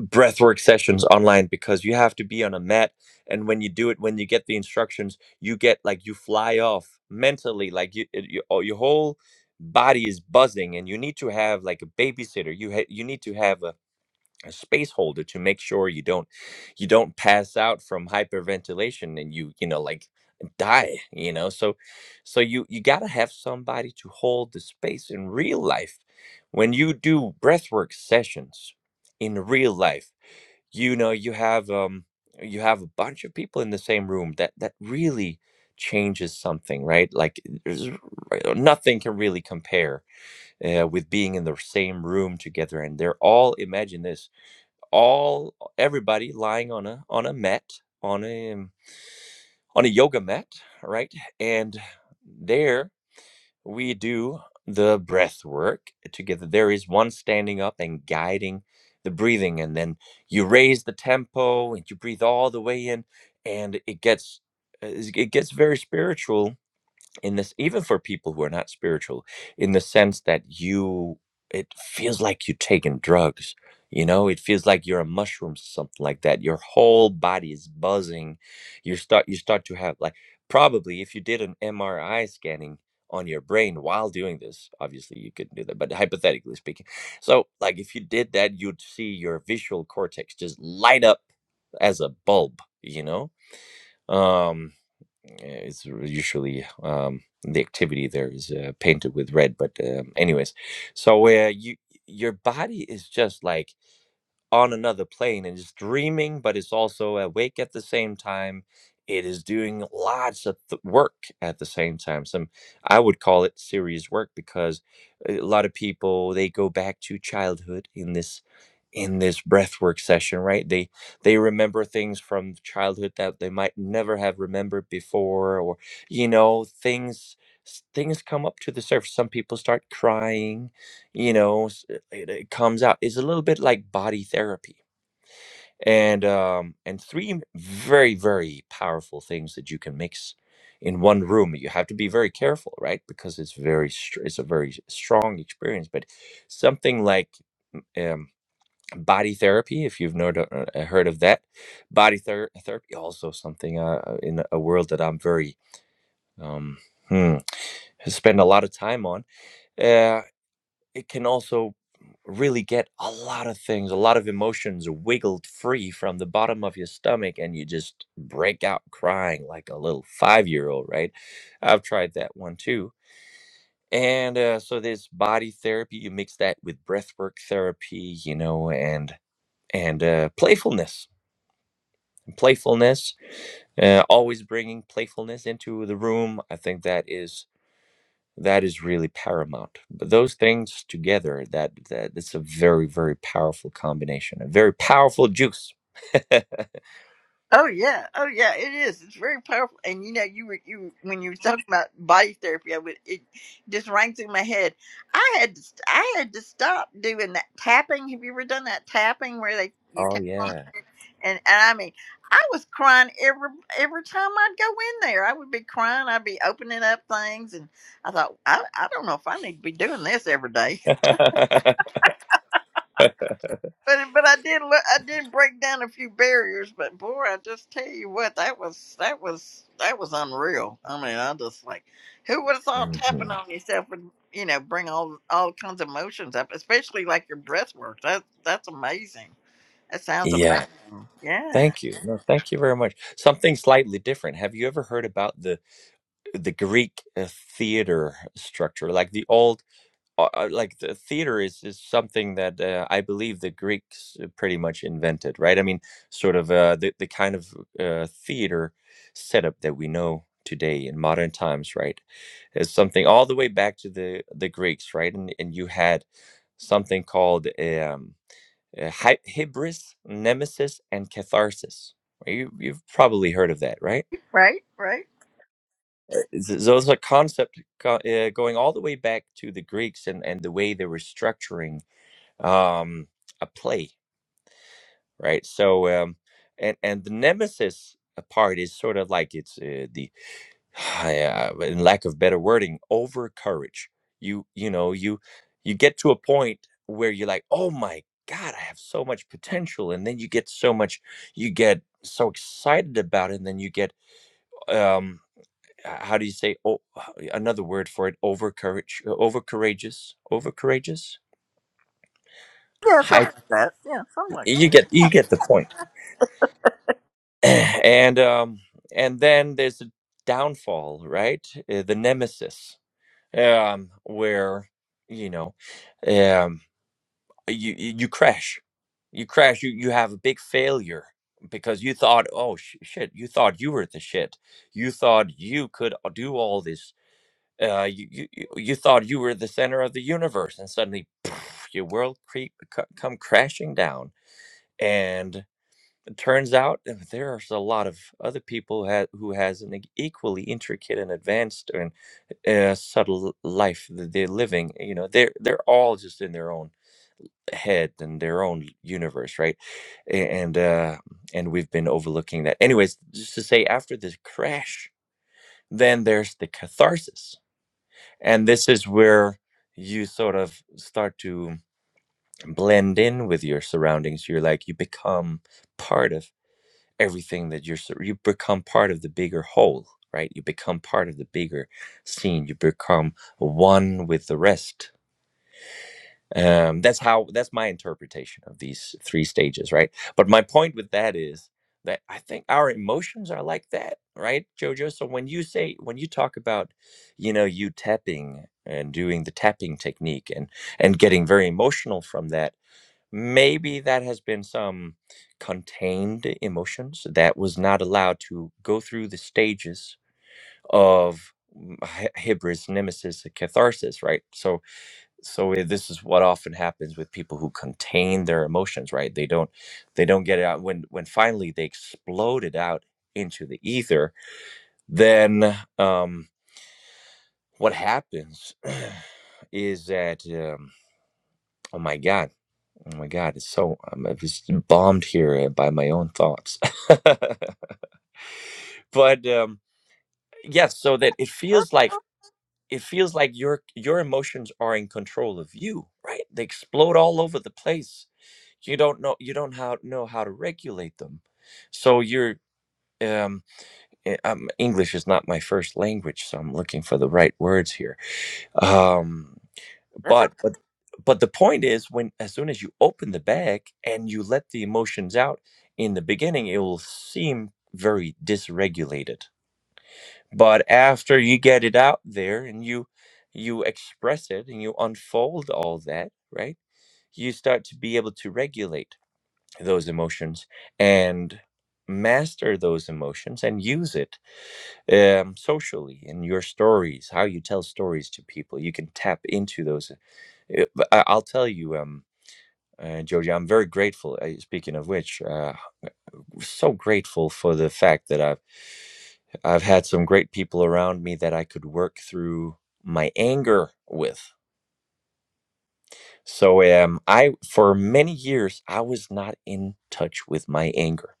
breathwork sessions online because you have to be on a mat and when you do it when you get the instructions you get like you fly off mentally like you, it- you oh, your whole body is buzzing and you need to have like a babysitter you ha- you need to have a, a space holder to make sure you don't you don't pass out from hyperventilation and you you know like die you know so so you you got to have somebody to hold the space in real life when you do breathwork sessions in real life you know you have um you have a bunch of people in the same room that that really changes something right like there's r- right, uh, nothing can really compare uh, with being in the same room together and they're all imagine this all everybody lying on a on a mat on a um, on a yoga mat right and there we do the breath work together. There is one standing up and guiding the breathing, and then you raise the tempo and you breathe all the way in, and it gets uh, it gets very spiritual in this even for people who are not spiritual in the sense that you it feels like you're taking drugs you know it feels like you're a mushroom something like that your whole body is buzzing you start you start to have like probably if you did an mri scanning on your brain while doing this obviously you couldn't do that but hypothetically speaking so like if you did that you'd see your visual cortex just light up as a bulb you know Um, it's usually um, the activity there is uh, painted with red. But um, anyways, so uh, you your body is just like on another plane and it's dreaming, but it's also awake at the same time. It is doing lots of th- work at the same time. Some I would call it serious work because a lot of people they go back to childhood in this in this breathwork session right they they remember things from childhood that they might never have remembered before or you know things s- things come up to the surface some people start crying you know s- it, it comes out it's a little bit like body therapy and um and three m- very very powerful things that you can mix in one room you have to be very careful right because it's very str- it's a very strong experience but something like um, body therapy if you've no, uh, heard of that body ther- therapy also something uh, uh, in a world that i'm very um hmm, spend a lot of time on uh, it can also really get a lot of things a lot of emotions wiggled free from the bottom of your stomach and you just break out crying like a little five year old right i've tried that one too and uh, so there's body therapy you mix that with breathwork therapy you know and and uh, playfulness playfulness uh, always bringing playfulness into the room i think that is that is really paramount but those things together that that it's a very very powerful combination a very powerful juice
Oh yeah, oh yeah, it is. It's very powerful. And you know, you were you when you were talking about body therapy, I would it just rang through my head. I had to st- I had to stop doing that tapping. Have you ever done that tapping where they you
oh
tap on
yeah
it? And, and I mean, I was crying every every time I'd go in there. I would be crying. I'd be opening up things, and I thought, I I don't know if I need to be doing this every day. But but I did look, I did break down a few barriers, but boy, I just tell you what, that was that was that was unreal. I mean, I just like who would have thought tapping
Mhm.
on yourself would you know bring all all kinds of emotions up, especially like your breath work. That that's amazing. That sounds
yeah
amazing. Yeah.
thank you no thank you very much something slightly different have you ever heard about the the greek uh, theater structure like the old uh, uh, like the theater is is something that uh, I believe the Greeks uh, pretty much invented, right? I mean, sort of uh, the the kind of uh, theater setup that we know today in modern times, right, is something all the way back to the the Greeks, right? And and you had something called um, uh, hy- hybris, nemesis, and catharsis. You you've probably heard of that, right?
Right. Right.
Uh, th- Those are concept co- uh, going all the way back to the Greeks and, and the way they were structuring um, a play, right? So, um, and and the nemesis part is sort of like it's uh, the, uh, in lack of better wording, over courage. You you know you you get to a point where you're like, oh my god, I have so much potential, and then you get so much, you get so excited about it, and then you get um h- how do you say oh h- another word for it over courage over courageous over courageous
Yeah.
high
Something like that. Yeah. Something like
you
that.
get you get the point and um, and then there's a downfall, right? Uh, the nemesis, um, where you know um, you you you crash, you crash, you you have a big failure because you thought, oh sh- shit, you thought you were the shit, you thought you could a- do all this. Uh, you, you you you thought you were the center of the universe, and suddenly your world cre- co- come crashing down, and. It turns out that there's a lot of other people who, ha- who has an e- equally intricate and advanced and uh, subtle life that they're living. eh, You know, they're they're all just in their own head and their own universe, right? A- And uh, and we've been overlooking that. Anyways, just to say, after this crash, then there's the catharsis, and this is where you sort of start to blend in with your surroundings. You're like you become part of everything that you're sur- you become part of the bigger whole right you become part of the bigger scene you become one with the rest um that's how that's my interpretation of these three stages right but my point with that is that i think our emotions are like that right jojo so when you say when you talk about you know you tapping and doing the tapping technique and and getting very emotional from that maybe that has been some contained emotions that was not allowed to go through the stages of mm, hy- hybris nemesis and catharsis right so so i- this is what often happens with people who contain their emotions right they don't they don't get it out when when finally they explode it out into the ether then um what happens is that um, oh my god Oh my God, it's so I'm I'm just bombed here uh, by my own thoughts. but um, yes, so that it feels like it feels like your your emotions are in control of you, right? They explode all over the place. You don't know you don't how, know how to regulate them. So you're um, eh, um English is not my first language, so I'm looking for the right words here. Um, But but but the point is when as soon as you open the bag and you let the emotions out in the beginning, it will seem very dysregulated. But after you get it out there and you you express it and you unfold all that, right? You start to be able to regulate those emotions and master those emotions and use it um, socially in your stories, how you tell stories to people. You can tap into those. Uh, but I- I'll tell you, um, uh, Joji, I'm very grateful. Uh, speaking of which, uh, so grateful for the fact that I've I've had some great people around me that I could work through my anger with. So um, I for many years I was not in touch with my anger.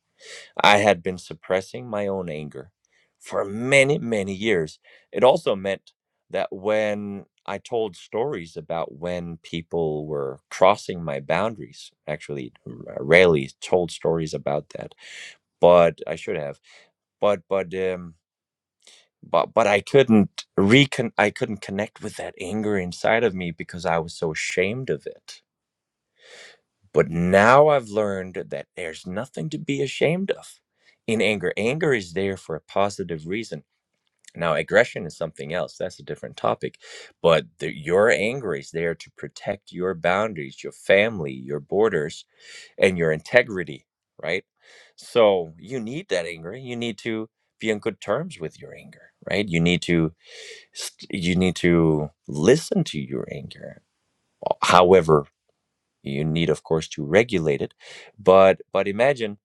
I had been suppressing my own anger for many, many years. It also meant that when I told stories about when people were crossing my boundaries, actually, r- rarely told stories about that, but I should have. But, but, um, but but I couldn't recon I couldn't connect with that anger inside of me because I was so ashamed of it but now I've learned that there's nothing to be ashamed of in anger. Anger is there for a positive reason. Now, aggression is something else. That's a different topic. But the, your anger is there to protect your boundaries, your family, your borders, and your integrity, right? So you need that anger. You need to be on good terms with your anger, right? You need to st- you need to listen to your anger, however you need of course to regulate it but but imagine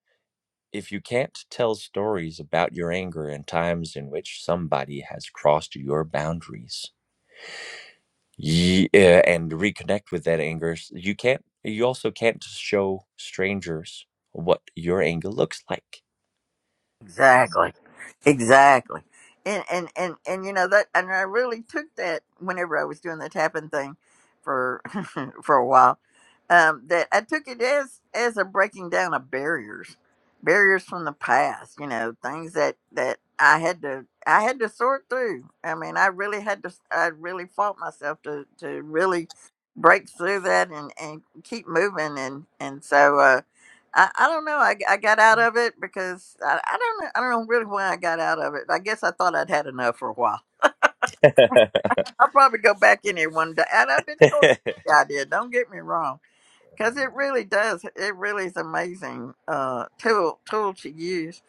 if you can't tell stories about your anger and times in which somebody has crossed your boundaries ye- uh, and reconnect with that anger s- you can't you also can't show strangers what your anger looks like
Exactly. Exactly. And and and and you know that and I really took that whenever I was doing the tapping thing for for a while. Um that I took it as as a breaking down of barriers. Barriers from the past, you know, things that that I had to I had to sort through. I mean, I really had to I really fought myself to to really break through that and and keep moving and and so Uh, I, I don't know. I I got out of it because I, I don't know. I don't know really why I got out of it. I guess I thought I'd had enough for a while. I'll probably go back in here one day. And I've been told the idea. Don't get me wrong, because it really does. It really is amazing uh, tool tool to use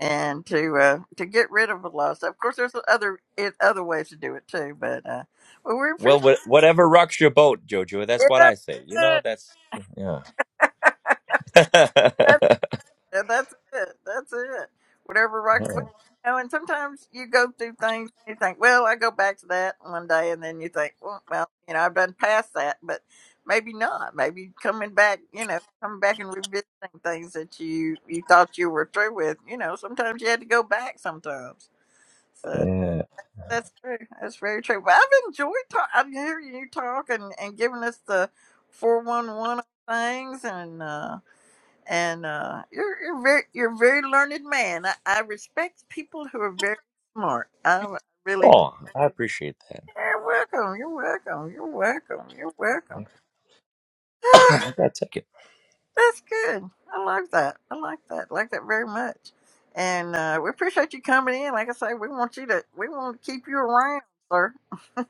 and to uh, to get rid of a lot of stuff. Of course, there's other it, other ways to do it too. But uh, well, we
well
appreciate.
wha- whatever rocks your boat jojo that's what i say you know that's yeah
Yeah, Yeah, that's it. That's it. Whatever rocks. Well, you know, and sometimes you go through things and you think, well, I go back to that one day, and then you think, well, well, you know, I've done past that, but maybe not. Maybe coming back, you know, coming back and revisiting things that you you thought you were through with. You know, sometimes you had to go back. Sometimes, so
yeah
that's true. That's very true. But I've enjoyed talk. I'm hearing you talk and and giving us the four one one things and. uh and uh, you're you're very you're a very learned man. I, I respect people who are very smart. I really do.
oh i appreciate that
You're welcome. You're welcome. You're welcome. You're welcome. Ah,
I gotta take it.
That's good. I like that. I like that. I like that very much. And uh, we appreciate you coming in. Like I say, we want you to we want to keep you around, sir.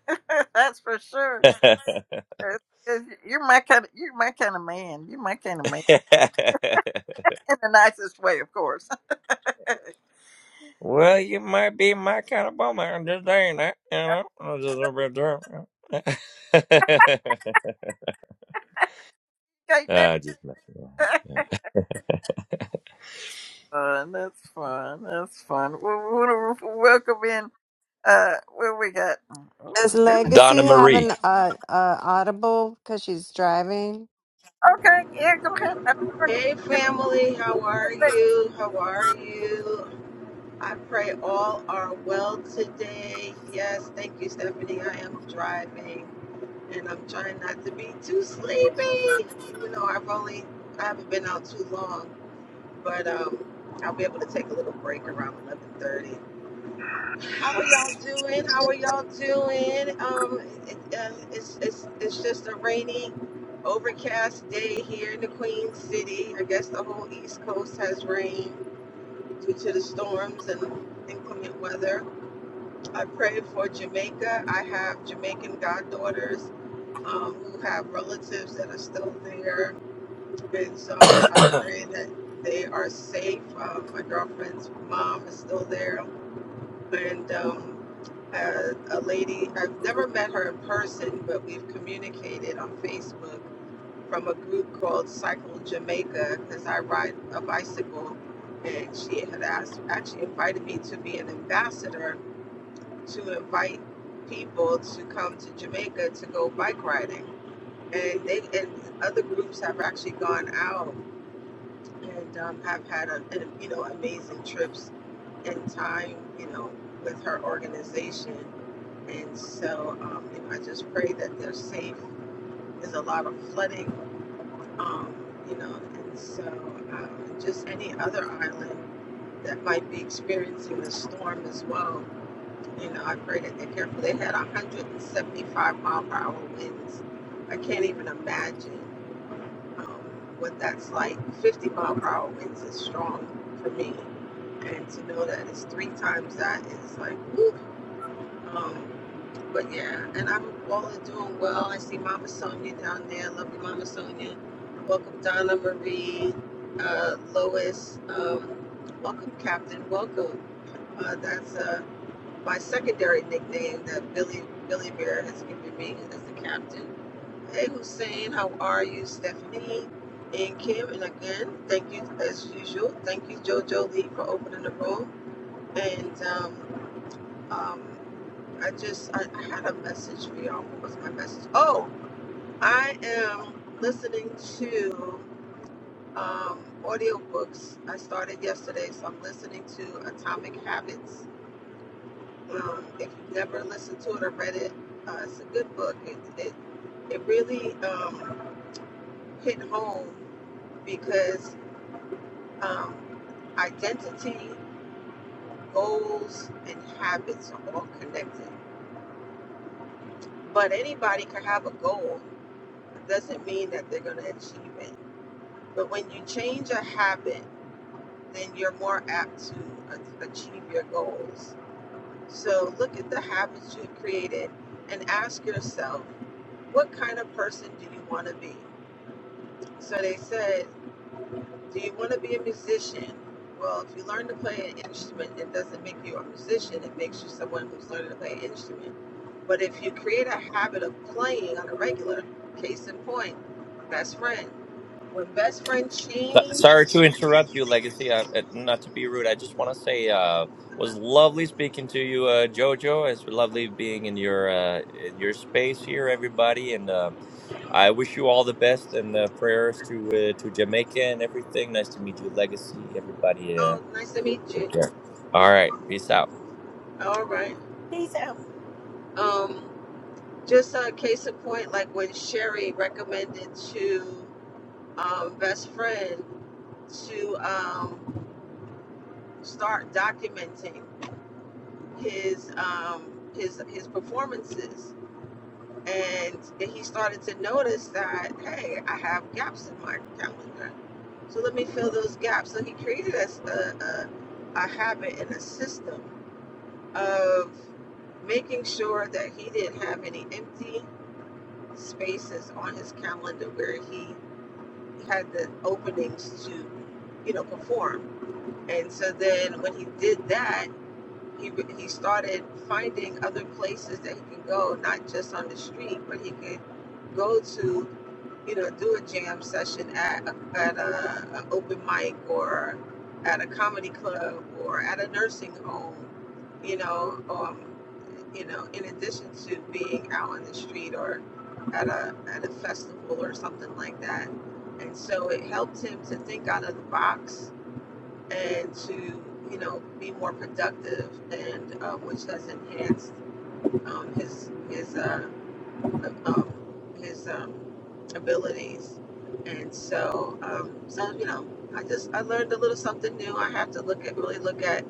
That's for sure. 'Cause- 'cause You're my kind of you're my kind of man. You're my kind of man in the nicest way, of course. Can't
well, you might be my kind of woman. I'm just saying that, you know. I'm just a bit drunk. Ah,
never.
just messing around. Yeah.
fun. That's fun. That's fun. We want to welcome in. Uh, where we got? Oh my
Does
goodness.
Donna
Legacy have
Marie.
an uh, uh audible because she's driving?
Okay, yeah, go ahead. I'm sorry,
Hey family, how are
Greg.
you? How are you? I pray all are well today. Yes, thank you, Stephanie. I am driving and I'm trying not to be too sleepy, even though I've only I haven't been out too long. But um, I'll be able to take a little break around 11:30. How are y'all doing? How are y'all doing? Um, it, uh, it's, it's, it's just a rainy, overcast day here in the Queen City. I guess the whole East Coast has rain due to the storms and inclement weather. I pray for Jamaica. I have Jamaican goddaughters um, who have relatives that are still there. And so I pray that they are safe. Um, my girlfriend's mom is still there and um, a, a lady I've never met her in person, but we've communicated on Facebook from a group called Cycle Jamaica because I ride a bicycle, and she had asked actually invited me to be an ambassador to invite people to come to Jamaica to go bike riding, and they and other groups have actually gone out and um, have had a, a, you know amazing trips in time, you know, with her organization. And so, um, you know, I just pray that they're safe. There's a lot of flooding, um, you know, and so um, just any other island that might be experiencing the storm as well. You know, I pray that they're careful. They had 175 mile per hour winds. I can't even imagine um, what that's like. 50 mile per hour winds is strong for me, and to know that it's three times that is like, woo. Um, but yeah, and I'm all doing well. I see Mama Sonia down there. Love you, Mama Sonia. Welcome, Donna Marie, uh, Lois. Um, welcome, Captain. Welcome. Uh, that's uh, my secondary nickname that Billy Billy Bear has given me as the captain. Hey Hussein, how are you? Stephanie and Kim, and again, thank you as usual. Thank you, JoJo Lee, for opening the room. And um, um, I just I, I had a message for y'all. What was my message? Oh, I am listening to um, audiobooks. I started yesterday, so I'm listening to Atomic Habits. Um, if you've never listened to it or read it, uh, it's a good book. It it, it really um, hit home because um, identity, goals, and habits are all connected. But anybody can have a goal. It doesn't mean that they're going to achieve it. But when you change a habit, then you're more apt to a- achieve your goals. So look at the habits you've created and ask yourself, what kind of person do you want to be? So they said, Do you want to be a musician? Well, if you learn to play an instrument, it doesn't make you a musician. It makes you someone who's learning to play an instrument. But if you create a habit of playing on a regular, case in point, best friend. When best friend
Th-
changed,
Sorry to interrupt you, Legacy. Uh, uh, not to be rude, I just want to say uh, was lovely speaking to you, uh, Jojo. It's lovely being in your uh, in your space here, everybody, and uh, I wish you all the best and uh, prayers to uh, to Jamaica and everything. Nice to meet you, Legacy. Everybody, uh,
oh, nice to meet
take
you.
care. All right, peace out.
All right.
Peace out.
Um, just a case in point, like when Sherry recommended to um, best friend to um, start documenting. his um, his his performances, and he started to notice that hey, I have gaps in my calendar. So let me fill those gaps. So he created us a, a, a habit and a system of making sure that he didn't have any empty spaces on his calendar where he had the openings to, you know, perform. And so then when he did that, he, he started finding other places that he could go, not just on the street, but he could go to, you know, do a jam session at, a- at a, an open mic or at a comedy club or at a nursing home, you know, um, you know, in addition to being out on the street or at a, at a festival or something like that. And so it helped him to think out of the box and to you know be more productive and um, which has enhanced um, his his uh, uh, um, his um, abilities and so um, so you know I just I learned a little something new I have to look at really look at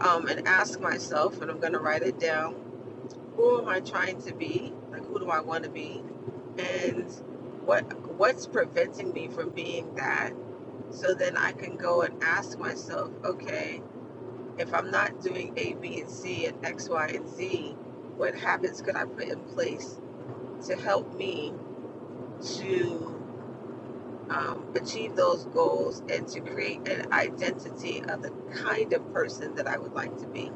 um, and ask myself and I'm gonna write it down who am I trying to be like who do I want to be and what what's preventing me from being that so then I can go and ask myself okay if I'm not doing A, B, and C and X, Y, and Z, what habits could I put in place to help me to um, achieve those goals and to create an identity of the kind of person that I would like to be?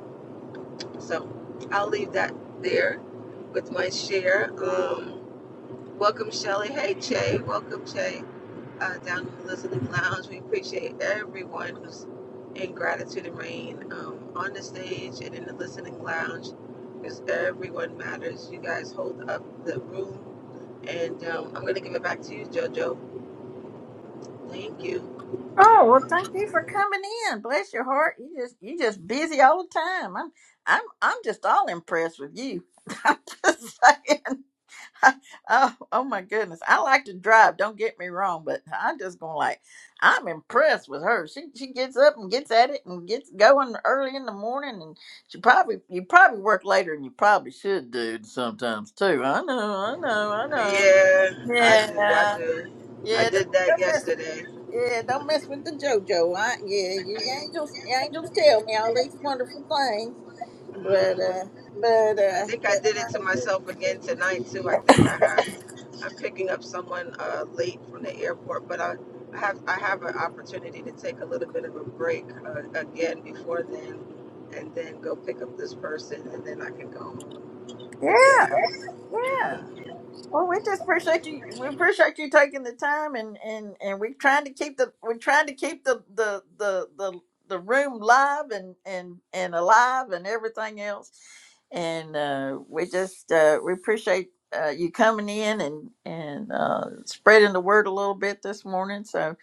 So I'll leave that there with my share. Um, welcome, Shelly. Hey, Che. Welcome, Che. uh, down in the listening lounge. We appreciate everyone who's in gratitude and rain um, on the stage and in the listening lounge because everyone matters. You guys hold up the room, and um, I'm gonna give it back to you, JoJo. Thank you.
Oh well, thank you for coming in. Bless your heart. You just you just busy all the time. I'm I'm I'm just all impressed with you. I'm just saying. oh, oh my goodness. I like to drive, don't get me wrong, but I'm just gonna like I'm impressed with her. She she gets up and gets at it and gets going early in the morning and she probably you probably work later than you probably should dude sometimes too. I know, I know, I know.
Yeah, I do. I
Yeah.
do. I
Yeah, don't,
did that
don't miss
yesterday.
yeah, don't mess with the JoJo. I, yeah, you
hmm
angels, you angels tell me all these wonderful things, but uh, but
I
uh,
think I
but
did it to
no,
myself again tonight too. I think I have. I'm picking up someone uh, late from the airport, but I have I have an opportunity to take a little bit of a break uh, again before then, and then go pick up this person, and then I can go.
yeah,
But yeah,
yeah.
mm,
Well, we just appreciate you. We appreciate you taking the time, and and and we're trying to keep the we're trying to keep the the the the, the room live and and and alive and everything else. And uh, we just uh, we appreciate uh, you coming in and and uh, spreading the word a little bit this morning. So,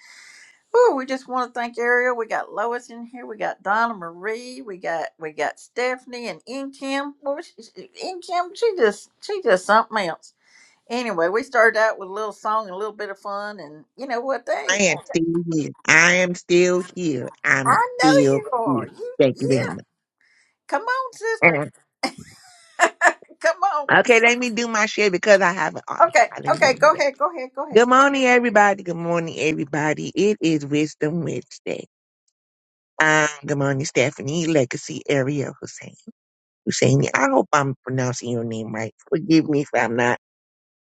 oh, we just want to thank Ariel. We got Lois in here. We got Donna Marie. We got we got Stephanie and In Kim. Well, she, In Kim, she just she just something else Anyway, we started out with a little song and a little bit of fun, and you know what
I
they?
am still here. I am still here. I'm
I know
still
you are.
here.
You,
Thank you very
yeah.
much.
Come on, sister.
Uh,
Come on.
Okay, let me do my share because I have an audible.
Okay,
Uh, Let me do
okay.
my
Go
share.
ahead. Go ahead. Go ahead.
Good morning, everybody. Good morning, everybody. It is Wisdom Wednesday. Um, good morning, Stephanie Legacy Ariel Hussein. Husseini. I hope I'm pronouncing your name right. Forgive me if I'm not.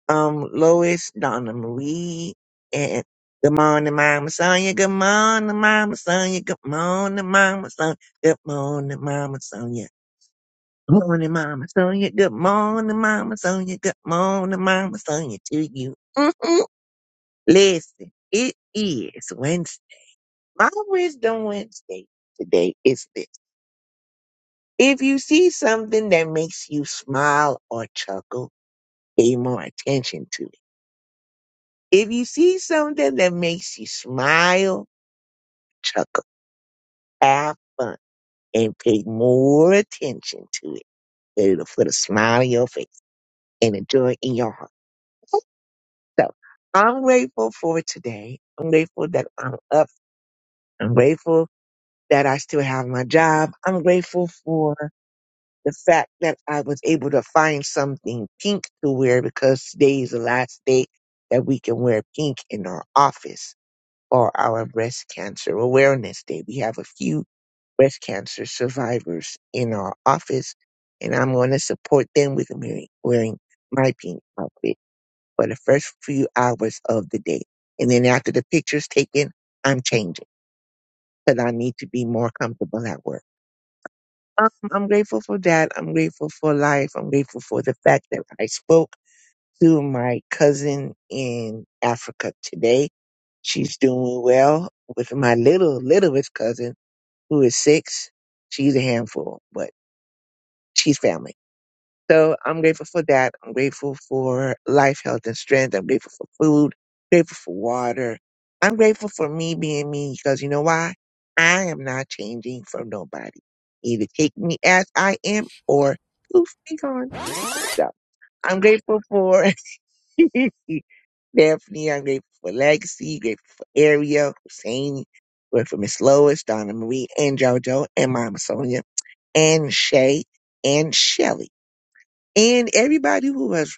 Um, Lois, Donna Marie, and good morning, Mama Sonia. Good morning, Mama Sonia. Good morning, Mama Sonia. Good morning, Mama Sonia. Good morning, Mama Sonia. Good morning, Mama Sonia. Good morning, Mama Sonia. To you. Mm-mm. Listen, it is Wednesday. My wisdom Wednesday today is this. If you see something that makes you smile or chuckle, pay more attention to it. If you see something that makes you smile, chuckle, have fun, and pay more attention to it, it'll put a smile on your face and a joy in your heart. So I'm grateful for today. I'm grateful that I'm up. I'm grateful that I still have my job. I'm grateful for the fact that I was able to find something pink to wear because today is the last day that we can wear pink in our office. or our breast cancer awareness day. We have a few breast cancer survivors in our office, and I'm going to support them with wearing, wearing my pink outfit for the first few hours of the day. And then after the picture's taken, I'm changing because I need to be more comfortable at work. Um, I'm grateful for that. I'm grateful for life. I'm grateful for the fact that I spoke to my cousin in Africa today. She's doing well with my little, littlest cousin who is six. She's a handful, but she's family. So I'm grateful for that. I'm grateful for life, health, and strength. I'm grateful for food, grateful for water. I'm grateful for me being me because you know why? I am not changing for nobody. Either take me as I am or poof, be gone. So I'm grateful for Stephanie. I'm grateful for Legacy, grateful for Ariel, Hussein, grateful for Miss Lois, Donna Marie, and JoJo, and Mama Sonia and Shay and Shelly and everybody who has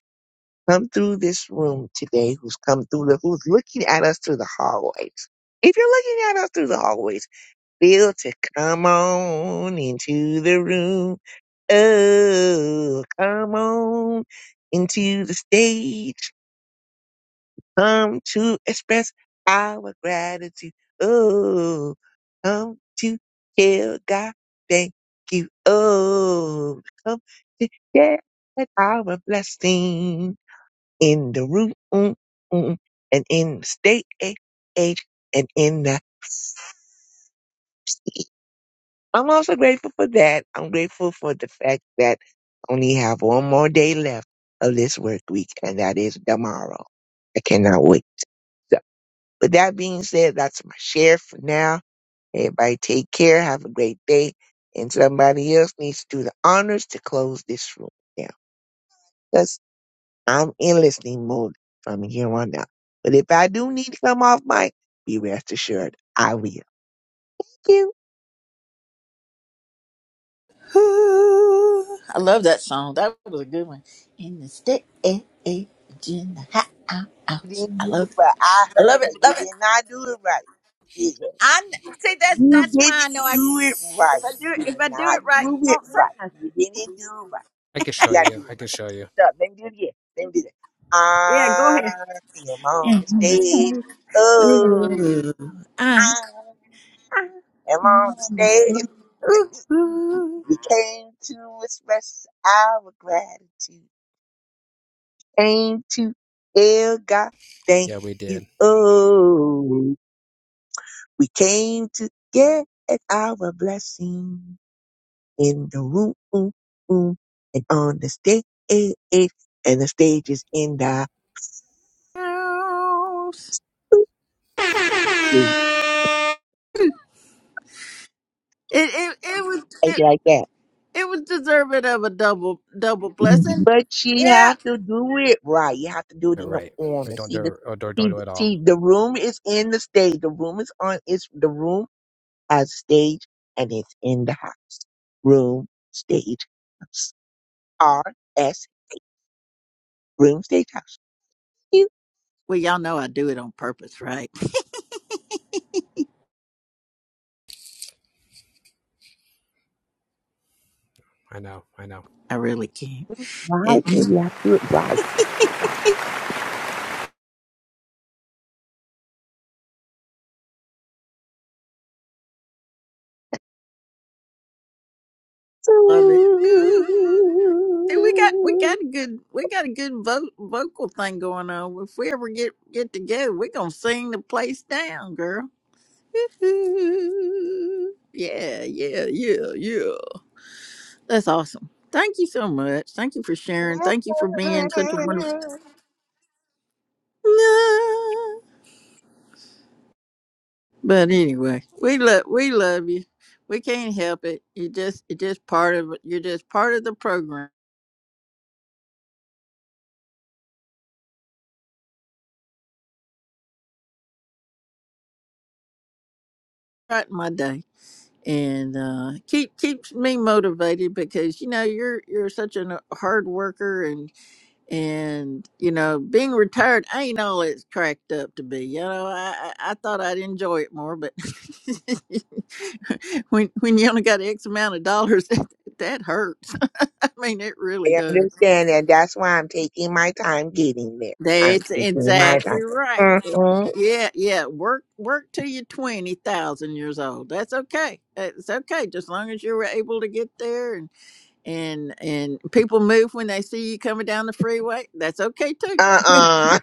come through this room today, who's come through the, who's looking at us through the hallways. If you're looking at us through the hallways, feel to come on into the room. Oh, come on into the stage come to express our gratitude. Oh, come to tell God thank you. Oh, come to share our blessing in the room mm, mm, and in the state eh, age and in the sea. I'm also grateful for that. I'm grateful for the fact that I only have one more day left of this work week, and that is tomorrow. I cannot wait. With that being said, that's my share for now. Everybody take care. Have a great day. And somebody else needs to do the honors to close this room down. Because I'm in listening mode from here on out. But if I do need to come off mic, be rest assured I will. you.
Ooh, I love that song. That was a good one. In the stage, in the house.
Didn't
I
do it
love it.
right. I
I
heard
love it.
that you
Love it.
did not do it right. Jesus.
I kn- see. That's
You
that's why
didn't
I know I.
do it right.
If I do it,
You did
if I do
not
it right,
do
you
it
won't say
right.
nothing.
You didn't do it right.
I can show
You gotta do
you.
it
I can
right.
show you.
Stop. Let me do it again. Let me do that.
Yeah. Go
I
ahead.
am on
In
the stage.
the stage.
Oh,
Ooh,
I
I.
am on the stage.
Ooh, ooh.
we came to express our gratitude. Came to El God, thank
Yeah, we
you.
did.
Oh, we came to get our blessing in the room and on the stage. And the stage is in the
It it it was
take
it,
it like that.
it was deserving of a double double
Mhm.
blessing.
But you
Yeah.
have to do it right. You have to do it
You're
in the
right. Or
order.
don't
See
do
the
it, or don't, do
see
it at all.
see the room is in the stage. The room is on it's the room has stage and it's in the house. Room stage house. R S room stage house.
Well, y'all know I do it on purpose, right?
I know. I know.
I really can't.
Do it Right?
It, it
when You have to do it right. You have to do it right.
love it. Ooh. See, we got we got a good we got a good vo- vocal thing going on. If we ever get get together, we're gonna sing the place down, girl. Ooh. Yeah, yeah, yeah, yeah. That's awesome. Thank you so much. Thank you for sharing. Thank you for being such a wonderful.
Ooh.
No. But anyway, we love we love you. We can't help it. You just you just part of You're just part of the program. Right my day. And uh, keep keeps me motivated because you know you're you're such a hard worker And, you know, being retired ain't all it's cracked up to be. You know, I, I, I thought I'd enjoy it more, but when when you only got X amount of dollars, that, that hurts. I mean, it really
I
does.
understand, and that's why I'm taking my time getting there. I'm
That's
taking my
exactly
time.
right. It-
Mm-hmm.
yeah, yeah. Work work till you're twenty thousand years old. That's okay. It's okay, just long as you were able to get there and and and people move when they see you coming down the freeway. That's okay too.
Uh-uh.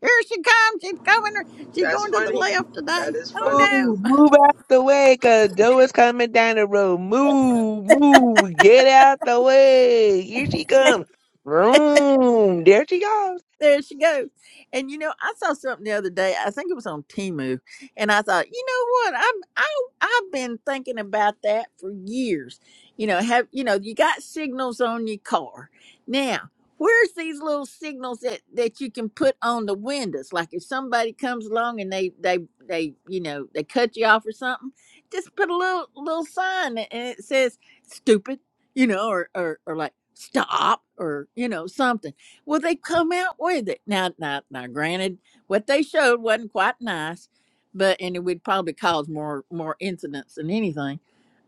Here she comes. She's coming. She's
that's
going to the
funny.
left today.
That is
Oh
funny.
no.
Ooh, move out the way, cause Joe is coming down the road. Move, move, get out the way. Here she comes. Vroom. There she goes.
There she goes. And you know, I saw something the other day. I think it was on Timu, and I thought, you know what? I'm I I've been thinking about that for years. You know, have you know you got signals on your car now? Where's these little signals that that you can put on the windows? Like if somebody comes along and they they they you know they cut you off or something, just put a little little sign that- and it says "stupid," you know, or or or like "stop" or you know something well, they come out with it. Now, now, now, granted, what they showed wasn't quite nice, but and it would probably cause more more incidents than anything.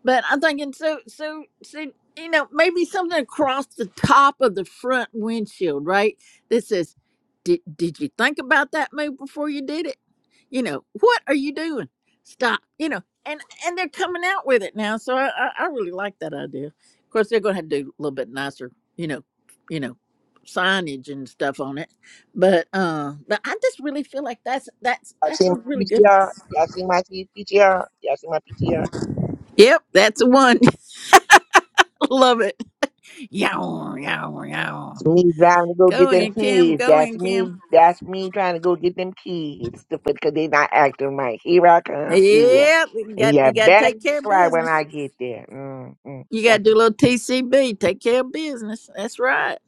But I'm thinking, so, so, so, you know, maybe something across the top of the front windshield, right? That says, "Did did you think about that move before you did it? You know, what are you doing? Stop!" You know, and and they're coming out with it now, so I I, I really like that idea. Of course, they're going to have to do a little bit nicer, you know, you know signage and stuff on it. But uh, but I just really feel like that's that's
Y'all
that's
see
a
my
really good.
PTR? Y'all see my PTR? Y'all see my PTR?
Yep, that's the one. Love it. Yow, yow, yow.
Me trying to go
Go
get them
in, Kim.
kids.
Go
That's
in, Kim.
me. That's me trying to go get them kids because they not acting right. Here I come. Yeah,
Yep, you
and
got
you
you got to
better
take care
not
of
cry when
business.
I get there. Mm-mm.
You got to do a
What
little TCB. Take care of business. That's right.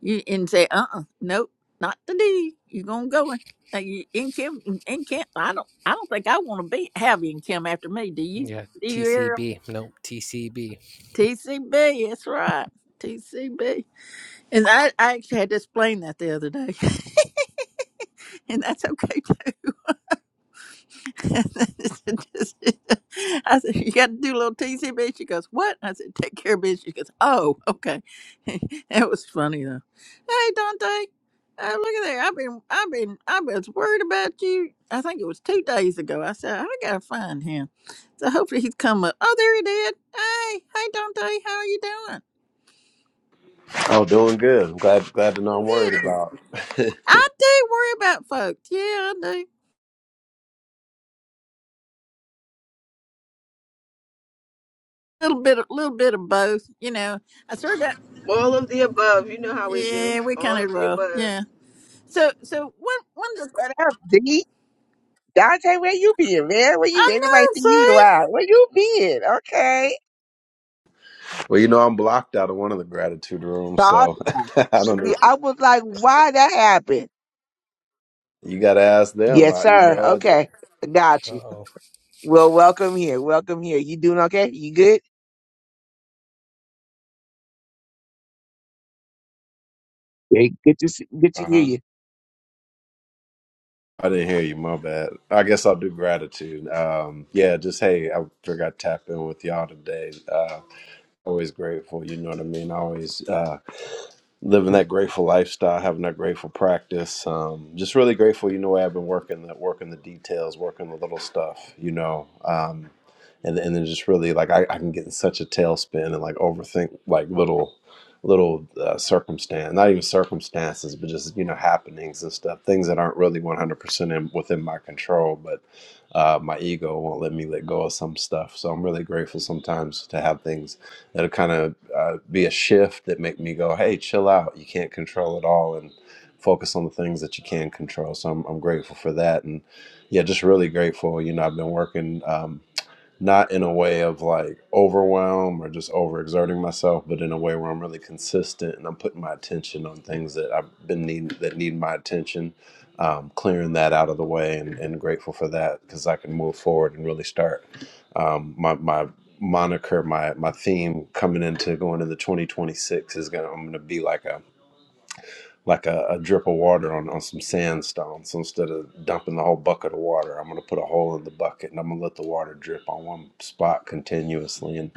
You and say, uh, uh nope, not today. You gonna go in. Uh, you, in Kim, in Kim. I don't, I don't think I want to be have in Kim after me. Do you?
Yeah.
Do you hear?
TCB. Nope. TCB.
TCB, that's right. TCB. And I, I actually had to explain that the other day. And that's okay too. I said, You got to do a little TCB. She goes, What? I said, Take care of business. She goes, Oh, okay. that was funny though. Hey, Dante. Uh, look at there. I've been, I've been, I was worried about you. I think it was two days ago. I said, I got to find him. So hopefully he's come up. Oh, there he did. Hey, hey, Dante. How are you
Oh, doing good. I'm glad glad to know I'm
doing?
worried about.
I do worry about folks. Yeah, I do. A little bit, a little bit of both. You know, I sort of got.
All of the above. You know how we do.
Yeah, we
All
kind of
of the
roll.
above.
Yeah. So, so one, one. of the-
up, D? Dante, where you been, man? Where you
I
been? Nobody
know.
seen you in a
See.
while. Where you been? Okay.
well, you know I'm blocked out of one of the gratitude rooms,
So I
so I don't know.
we- I was like, why that happened?
You got to ask them.
Yes,
I, you
sir.
know.
Okay.
I,
Got
Uh
you.
oh.
Well, welcome here. Welcome here. You doing okay? You good? Yeah. good to see, good to hear
uh-huh.
you.
I didn't hear you. My bad. I guess I'll do gratitude. Um, yeah, just hey, I figured I'd tap in with y'all today. Uh, always grateful. You know what I mean. Always. Uh, living that grateful lifestyle, having that grateful practice. Um, just really grateful. You know, I've been working the working the details, working the little stuff. You know, um, and and then just really like I, I can get in such a tailspin and like overthink like little little uh, circumstance, not even circumstances, but just you know happenings and stuff, things that aren't really one hundred percent within my control, but. Uh, my ego won't let me let go of some stuff, so I'm really grateful sometimes to have things that'll kind of uh, be a shift that make me go, hey, chill out. You can't control it all and focus on the things that you can control. So I'm, I'm grateful for that. And yeah, just really grateful. You know, I've been working. um, not in a way of like overwhelm or just overexerting myself, but in a way where I'm really consistent and I'm putting my attention on things that I've been need that need my attention. Um, clearing that out of the way and, and grateful for that because I can move forward and really start um, my my moniker, my my theme coming into going into 2026 is gonna I'm gonna be like a like a, a drip of water on, on some sandstone. So instead of dumping the whole bucket of water, I'm going to put a hole in the bucket and I'm going to let the water drip on one spot continuously. And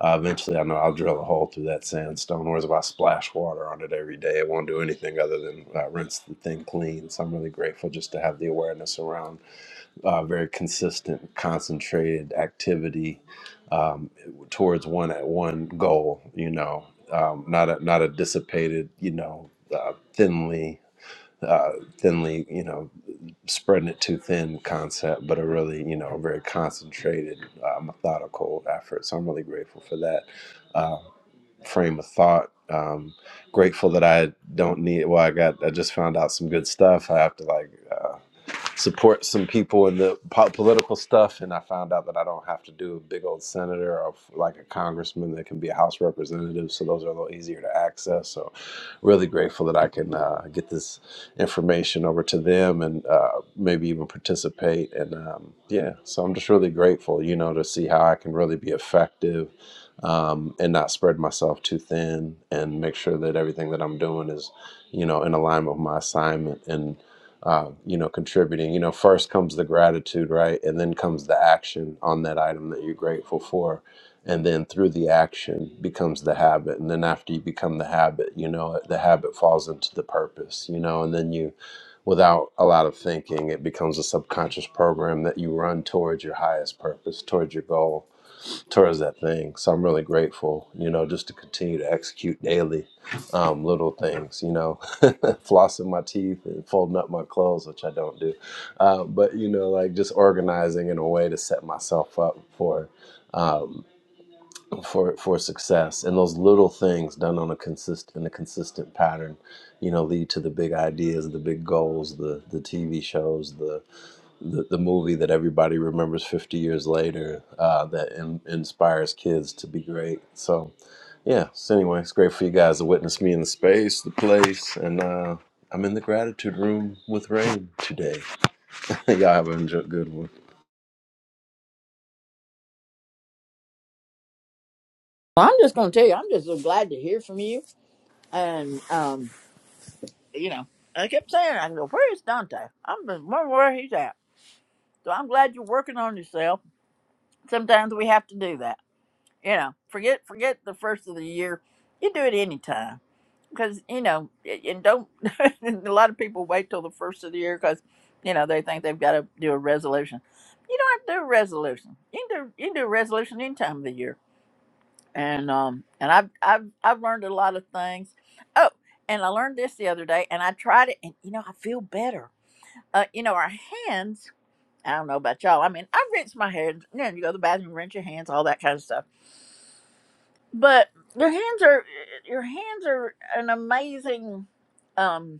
uh, eventually, I know I'll drill a hole through that sandstone. Whereas if I splash water on it every day, it won't do anything other than uh, rinse the thing clean. So I'm really grateful just to have the awareness around uh, very consistent, concentrated activity um, towards one at one goal. You know, um, not a not a dissipated, you know, uh, thinly, uh, thinly, you know, spreading it too thin concept, but a really, you know, very concentrated, uh, methodical effort. So I'm really grateful for that uh, frame of thought. Um, grateful that I don't need. Well, I got. I just found out some good stuff. I have to like. uh, support some people in the po- political stuff, and I found out that I don't have to do a big old senator or f- like a congressman that can be a House representative. So those are a little easier to access. So really grateful that I can uh, get this information over to them and uh, maybe even participate. And um, yeah, so I'm just really grateful, you know, to see how I can really be effective. Um, and not spread myself too thin and make sure that everything that I'm doing is, you know, in alignment with my assignment and uh, you know, contributing. You know, first comes the gratitude, right? And then comes the action on that item that you're grateful for. And then through the action becomes the habit. And then after you become the habit, you know, the habit falls into the purpose, you know, and then you, without a lot of thinking, it becomes a subconscious program that you run towards your highest purpose, towards your goal towards that thing. So I'm really grateful, you know, just to continue to execute daily um, little things, you know, flossing my teeth and folding up my clothes, which I don't do. Uh, but, you know, like just organizing in a way to set myself up for. Um, for for success and those little things done on a consist in a consistent pattern you know lead to the big ideas the big goals the the tv shows the the, the movie that everybody remembers 50 years later uh, that in, inspires kids to be great. So, yeah. So, anyway, it's great for you guys to witness me in the space, the place, and uh, I'm in the gratitude room with Rain today. Y'all have a enjo- good one.
Well, I'm just going to tell you, I'm just so glad to hear from you. And, um, you know, I kept saying, I go, where is Dante? I'm just wondering where he's at. So I'm glad you're working on yourself. Sometimes we have to do that. You know, forget forget the first of the year. You do it anytime. because you know, and don't. a lot of people wait till the first of the year because you know they think they've got to do a resolution. You don't have to do a resolution. You can do you can do a resolution any time of the year. And um and I've I've I've learned a lot of things. Oh, and I learned this the other day, and I tried it, and you know I feel better. Uh, you know our hands. I don't know about y'all. I mean, I rinse my hands. You know, you go to the bathroom, rinse your hands, all that kind of stuff. But your hands are your hands are an amazing. um.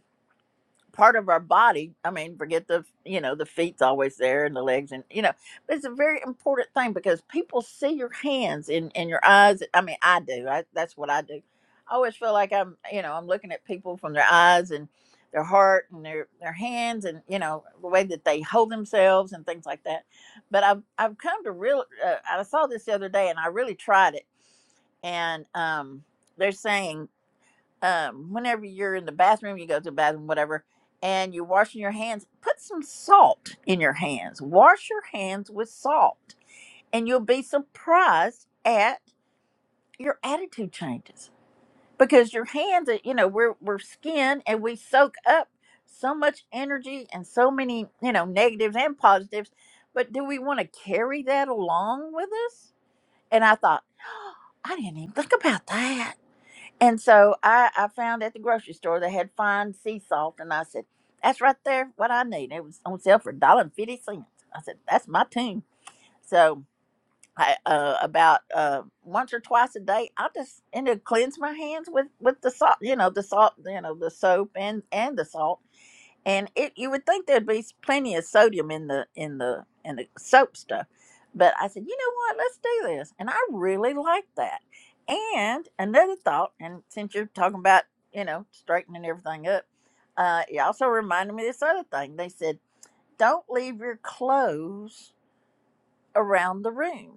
part of our body. I mean, forget the you know the feet's always there and the legs and you know, but it's a very important thing because people see your hands and and your eyes. I mean, I do. I, that's what I do. I always feel like I'm you know I'm looking at people from their eyes and their heart and their their hands and you know the way that they hold themselves and things like that. But I've I've come to real. Uh, I saw this the other day and I really tried it and um. They're saying um, whenever you're in the bathroom, you go to the bathroom, whatever, and you're washing your hands, put some salt in your hands. Wash your hands with salt, and you'll be surprised at your attitude changes because your hands, are- you know, we're we're skin and we soak up so much energy and so many, you know, negatives and positives. But do we want to carry that along with us? And I thought, I didn't even think about that and so I, I found at the grocery store they had fine sea salt, and I said, "That's right there, what I need." It was on sale for a dollar and fifty cents I said, "That's my tune." So I, uh, about uh, once or twice a day, I just ended up cleanse my hands with with the salt, you know, the salt, you know, the soap and and the salt and it you would think there'd be plenty of sodium in the in the in the soap stuff but i said you know what let's do this and i really like that and another thought and since you're talking about you know straightening everything up uh it also reminded me of this other thing they said don't leave your clothes around the room.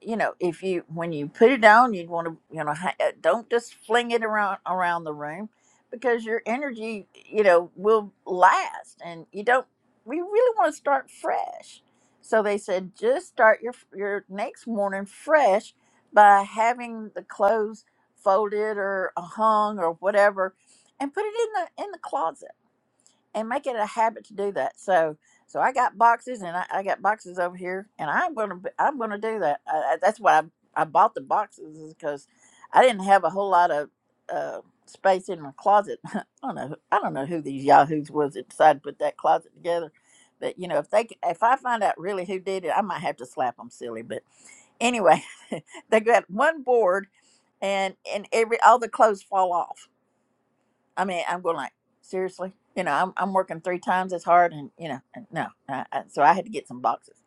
You know, if you when you put it down, you'd want to you know ha- uh, don't just fling it around around the room because your energy you know will last, and you don't. We really want to start fresh. So they said just start your your next morning fresh by having the clothes folded or uh, hung or whatever, and put it in the in the closet and make it a habit to do that. So, so I got boxes and I, I got boxes over here, and I'm gonna b- I'm gonna do that. I, I, that's why I, I bought the boxes is because I didn't have a whole lot of uh, space in my closet. I don't know I don't know who these yahoos was that decided to put that closet together, but you know if they c- if I find out really who did it, I might have to slap them silly. But anyway, they got one board and and every all the clothes fall off I mean, I'm going like, seriously, you know, I'm, I'm working three times as hard, and you know, and no, I, I, so I had to get some boxes.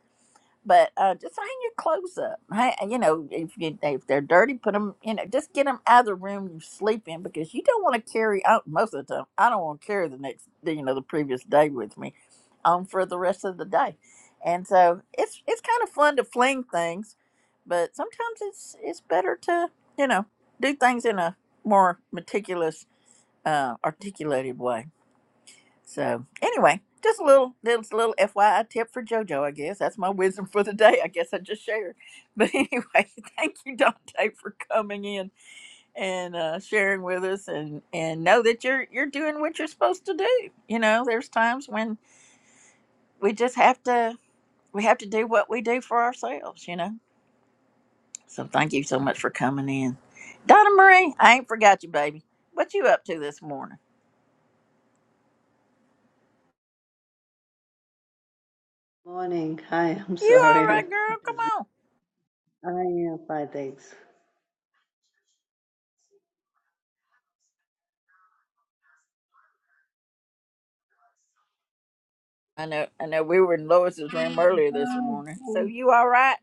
But uh, just hang your clothes up. Hey, you know, if you, if they're dirty, put them. You know, just get them out of the room you sleep in because you don't want to carry out most of the time. I don't want to carry the next, you know, the previous day with me, um, for the rest of the day. And so it's it's kind of fun to fling things, but sometimes it's it's better to you know do things in a more meticulous uh, articulated way. So anyway, just a little, just a little FYI tip for JoJo. I guess that's my wisdom for the day. I guess I just shared. But anyway, thank you, Dante, for coming in and uh, sharing with us, and and know that you're you're doing what you're supposed to do. You know, there's times when we just have to we have to do what we do for ourselves. You know. So thank you so much for coming in, Donna Marie. I ain't forgot you, baby. What you up to this morning?
Morning. Hi, I'm
You
sorry.
all right,
I'm
girl? Come
busy.
on.
I am fine, thanks.
I know, I know. We were in Lois's room earlier this
Um,
morning. So
um,
you all right?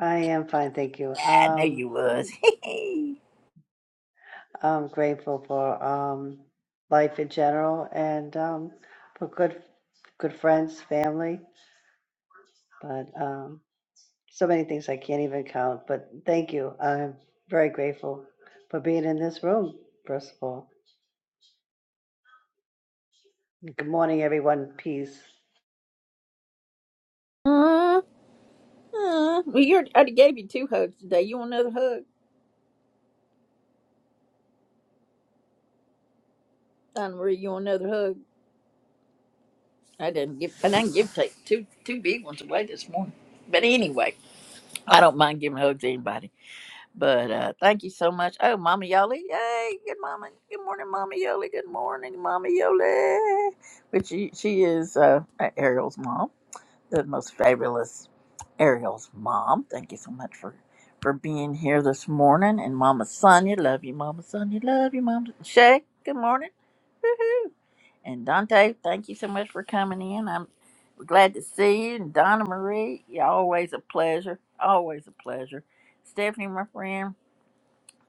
I am fine, thank you.
Yeah, I know
Um,
you was.
I'm grateful for um life in general and um for good good friends, family, but um so many things I can't even count. But thank you. I'm very grateful for being in this room, first of all. Good morning, everyone. Peace.
uh, uh. Well, you I done gave you two hugs today. You want another hug? Donna Marie, you want another hug? I didn't give. I didn't give take two two big ones away this morning. But anyway, I don't mind giving hugs to anybody. But uh, thank you so much. Oh, Mama Yoli, yay! Good mama. Good morning, Mama Yoli. Good morning, Mama Yoli. Which she, she is uh, Ariel's mom. the most fabulous Ariel's mom. Thank you so much for for being here this morning. And Mama Sonia, love you, Mama Sonia, love you, Mama Shay. Good morning. Woohoo! And Dante, thank you so much for coming in. I'm glad to see you. And Donna Marie, you're always a pleasure. Always a pleasure. Stephanie, my friend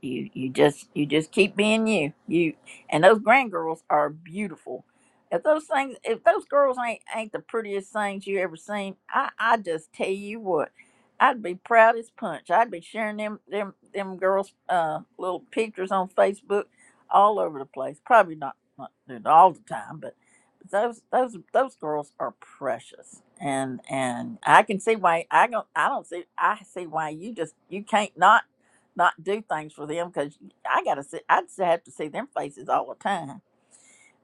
you you just you just keep being you you and those grandgirls are beautiful if those things if those girls ain't ain't the prettiest things you ever seen i i just tell you what i'd be proud as punch i'd be sharing them them them girls uh little pictures on facebook all over the place probably not not not all the time but those those those girls are precious and and i can see why i don't i don't see i see why you just you can't not not do things for them because I gotta see. I just have to see them faces all the time.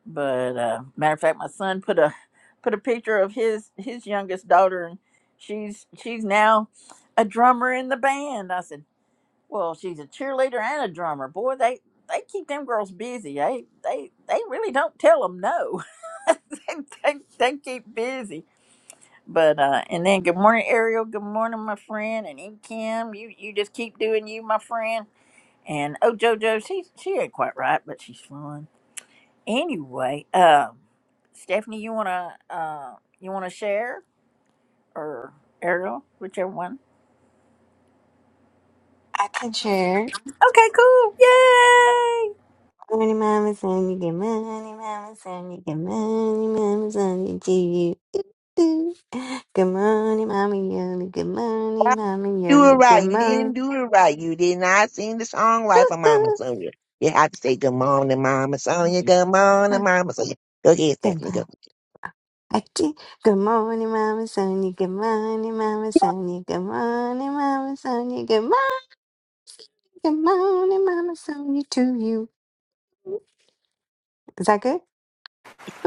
But uh, matter of fact, my son put a put a picture of his his youngest daughter, and she's she's now a drummer in the band. I said, well, she's a cheerleader and a drummer. Boy, they they keep them girls busy. They they they really don't tell them no. they, they, they keep busy. But uh, and then good morning, Ariel. Good morning, my friend, and E Kim. You you just keep doing you, my friend and oh, JoJo, she she ain't quite right, but she's fun. Anyway, um, Stephanie, you wanna uh, you wanna share or Ariel, whichever one?
I can share.
Okay, cool. Yay!
Money, mama, son, you get money, mama, son, you get money, mama, son, you do you. do, do. Good morning, mama, yoli. Good morning, mama,
do it
yoli. Good
right. You didn't
morning.
do it right. You did not sing the song right
Ooh,
for Mama
ooh.
Sonia. You have to say good morning, Mama Sonia. Good morning,
Mom,
Mama Sonia. Go ahead,
Good
Stephanie. Go.
morning. I did. Good morning, Mama Sonia. Good morning, Mama Sonia. Good morning, Mama Sonia. Good morning, good morning, Mama Sonia to you. Is that good?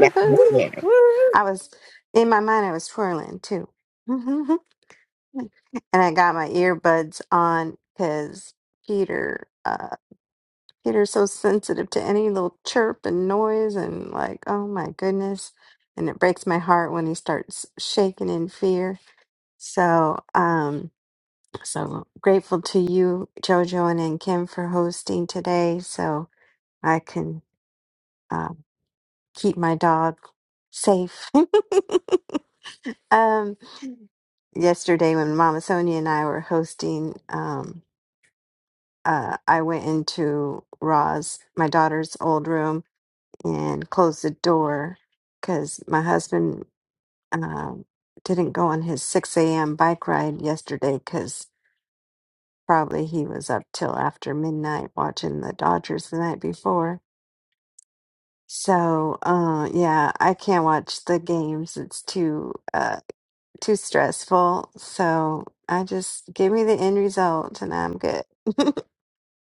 Woohoo!
Woo!
I
Woo!
was in my mind. I was twirling too. and I got my earbuds on because Peter, uh, Peter's so sensitive to any little chirp and noise, and like, oh my goodness, and it breaks my heart when he starts shaking in fear. So, um, so grateful to you, Jojo, and, and Kim for hosting today, so I can um, keep my dog safe. um, yesterday when Mama Sonia and I were hosting. Um, uh, I went into Roz, my daughter's old room, and closed the door because my husband um, didn't go on his 6 a.m. bike ride yesterday because probably he was up till after midnight watching the Dodgers the night before. So uh, yeah, I can't watch the games. It's too uh, too stressful. So I just give me the end result and I'm good.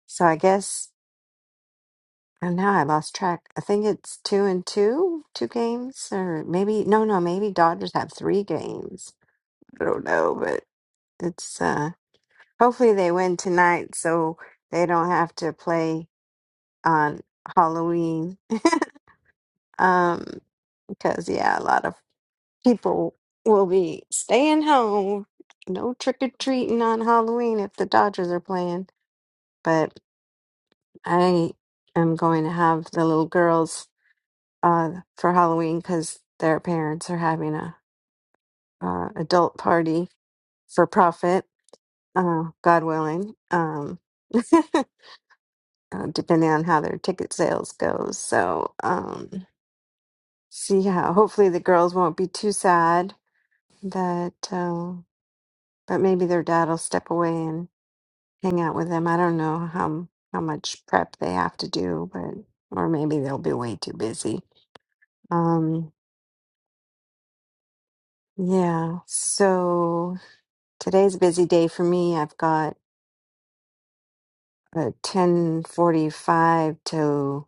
so I guess And now I lost track. I think it's two and two, two games, or maybe no, no, maybe Dodgers have three games. I don't know, but it's uh hopefully they win tonight so they don't have to play on Halloween. Um, because yeah, a lot of people will be staying home. No trick or treating on Halloween if the Dodgers are playing. But I am going to have the little girls uh, for Halloween because their parents are having a uh, adult party for profit, uh, God willing, um, uh, depending on how their ticket sales goes. So um, see how. Hopefully the girls won't be too sad that, uh, but maybe their dad will step away and hang out with them. I don't know how how much prep they have to do, but or maybe they'll be way too busy. Um, yeah. So Today's a busy day for me. I've got a 10:45 to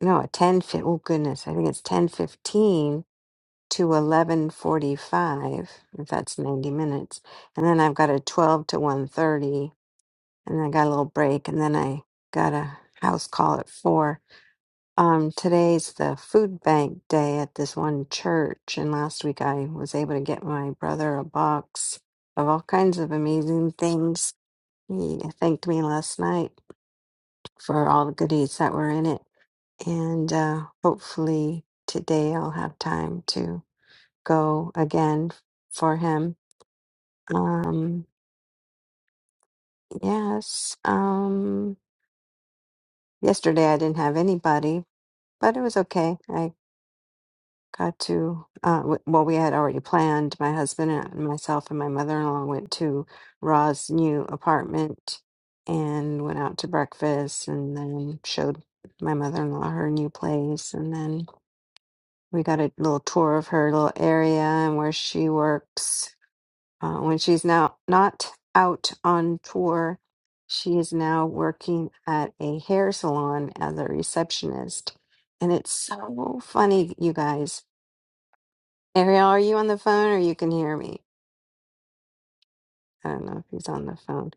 no, a 10 fifteen. oh goodness, I think it's 10:15 to 11:45 if that's 90 minutes. And then I've got a 12 to one thirty, and then I got a little break and then I got a house call at 4. Um today's the food bank day at this one church and last week I was able to get my brother a box of all kinds of amazing things He thanked me last night for all the goodies that were in it. And uh, hopefully today I'll have time to go again for him. Um, yes. Um, yesterday I didn't have anybody, but it was okay. I got to uh, w- well we had already planned my husband and myself and my mother-in-law went to ra's new apartment and went out to breakfast and then showed my mother-in-law her new place and then we got a little tour of her little area and where she works uh, when she's now not out on tour she is now working at a hair salon as a receptionist and it's so funny you guys Ariel, are you on the phone or you can hear me? I don't know if he's on the phone.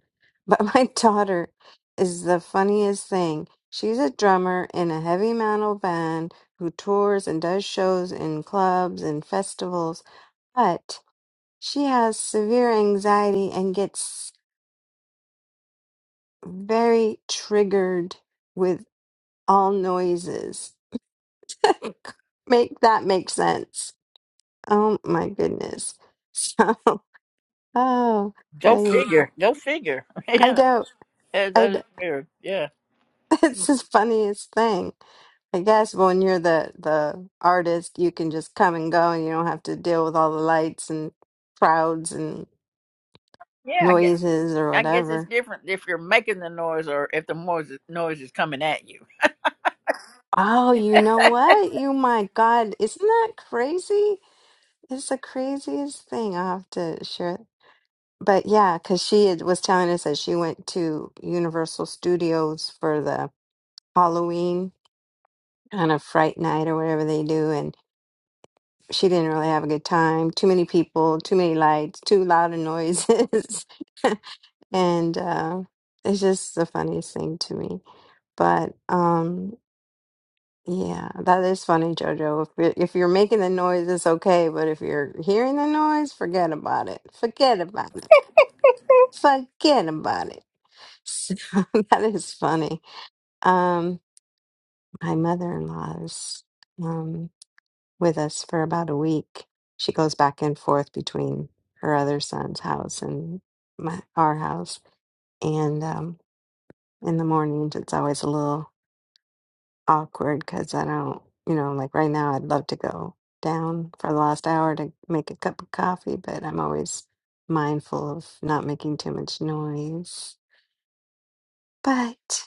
But my daughter is the funniest thing. She's a drummer in a heavy metal band who tours and does shows in clubs and festivals, but she has severe anxiety and gets very triggered with all noises. Make that make sense. Oh my goodness. So, oh,
Go
I
figure. Go figure.
I
yeah,
don't.
that,
I
that
d
is weird. Yeah.
it's the funniest thing. I guess when you're the the artist, you can just come and go, and you don't have to deal with all the lights and crowds and
Yeah, I guess
noises or
I guess it's
whatever.
different if you're making the noise or if the noise noise is coming at you.
Oh, you know what? You my God, isn't that crazy? It's the craziest thing. I'll have to share. But yeah, because she had- was telling us that she went to Universal Studios for the Halloween kind of fright night or whatever they do, she didn't really have a good time. Too many people, too many lights, too loud of noises. and uh, it's just the funniest thing to me. But um, yeah, that is funny, JoJo. If, you're- if you're making the noise, it's okay. But if you're hearing the noise, forget about it. Forget about it. Forget about it. So that is funny. Um, my mother in law's. with us for about a week. She goes back and forth between her other son's house and my, our house. And um, in the mornings, it's always a little awkward because I don't, you know, like right now, I'd love to go down for the last hour to make a cup of coffee, but I'm always mindful of not making too much noise. But,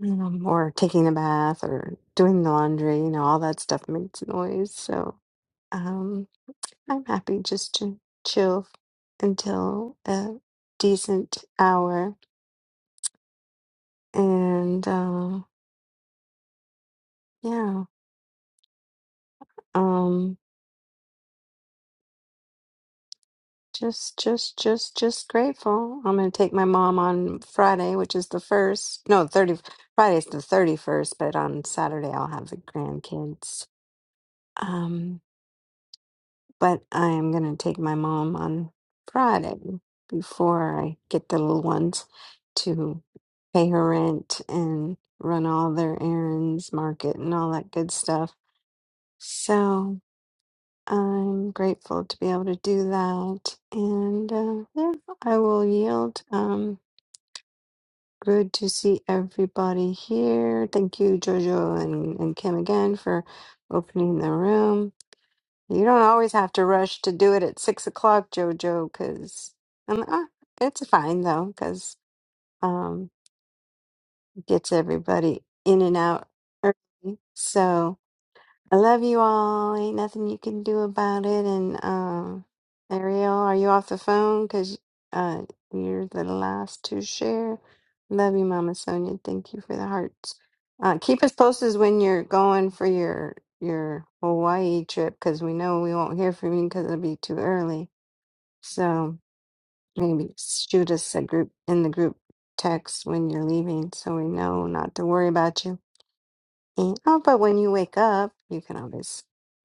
um, or taking a bath or doing the laundry, you know, all that stuff makes noise. So, um, I'm happy just to chill until a decent hour, and uh, yeah, um, just just just just grateful. I'm gonna take my mom on Friday, which is the first. No, thirty. Friday's the thirty first, but on Saturday I'll have the grandkids. Um, but I am going to take my mom on Friday before I get the little ones to pay her rent and run all their errands, market, and all that good stuff. So I'm grateful to be able to do that. And uh, yeah, I will yield. Um, good to see everybody here. Thank you, Jojo and, and Kim, again for opening the room. You don't always have to rush to do it at six o'clock, Jojo, because um, uh, it's fine though, because um, gets everybody in and out early. So. I love you all. Ain't nothing you can do about it. And um, Ariel, are you off the phone? Because uh, you're the last to share. Love you, Mama Sonia. Thank you for the hearts. Uh, keep us posted when you're going for your your Hawaii trip, because we know we won't hear from you because it'll be too early. So maybe shoot us a group in the group text when you're leaving, so we know not to worry about you. Mm, Oh, but when you wake up, you can always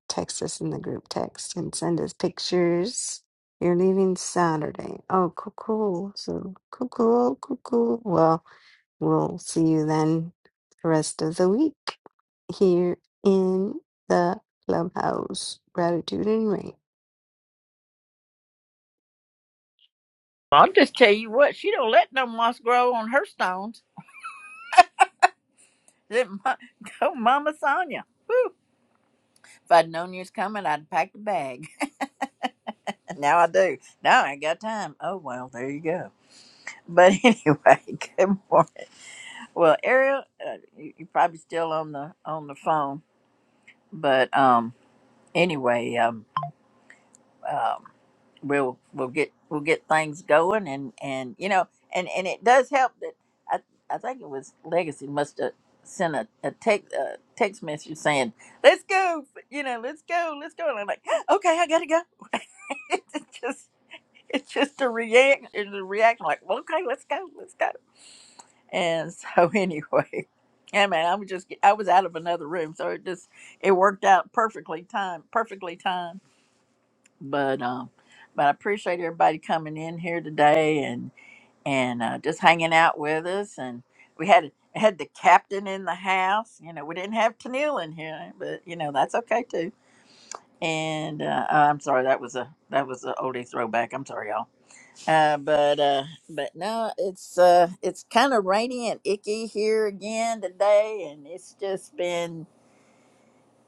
text us in the group text and send us pictures. You're leaving Saturday. Oh, cool, cool. So cool, cool, cool, cool. Well, we'll see you then the rest of the week here in the clubhouse. Gratitude and rain.
I'll just tell you what, she don't let no moss grow on her stones. That mo- go, Mama Sonia. Woo. If I'd known you was coming, I'd packed a bag. now I do. Now I ain't got time. Oh well, there you go. But anyway, good morning. Well, Ariel, uh, you, you're probably still on the on the phone, but um, anyway, um, um, we'll we'll get we'll get things going, and and you know, and and it does help that I I think it was Legacy must have sent a a text a text message saying let's go, you know, let's go, let's go, and I'm like okay, I gotta go. It just it's just a react it's a reaction like well, okay let's go let's go and so anyway yeah man i was just i was out of another room so it just it worked out perfectly time perfectly timed. but um but i appreciate everybody coming in here today and and uh, just hanging out with us and we had had the captain in the house you know we didn't have Tennille in here but you know that's okay too and uh, i'm sorry that was a that was an oldie throwback i'm sorry y'all uh, but uh, but no, it's uh, it's kind of rainy and icky here again today, and it's just been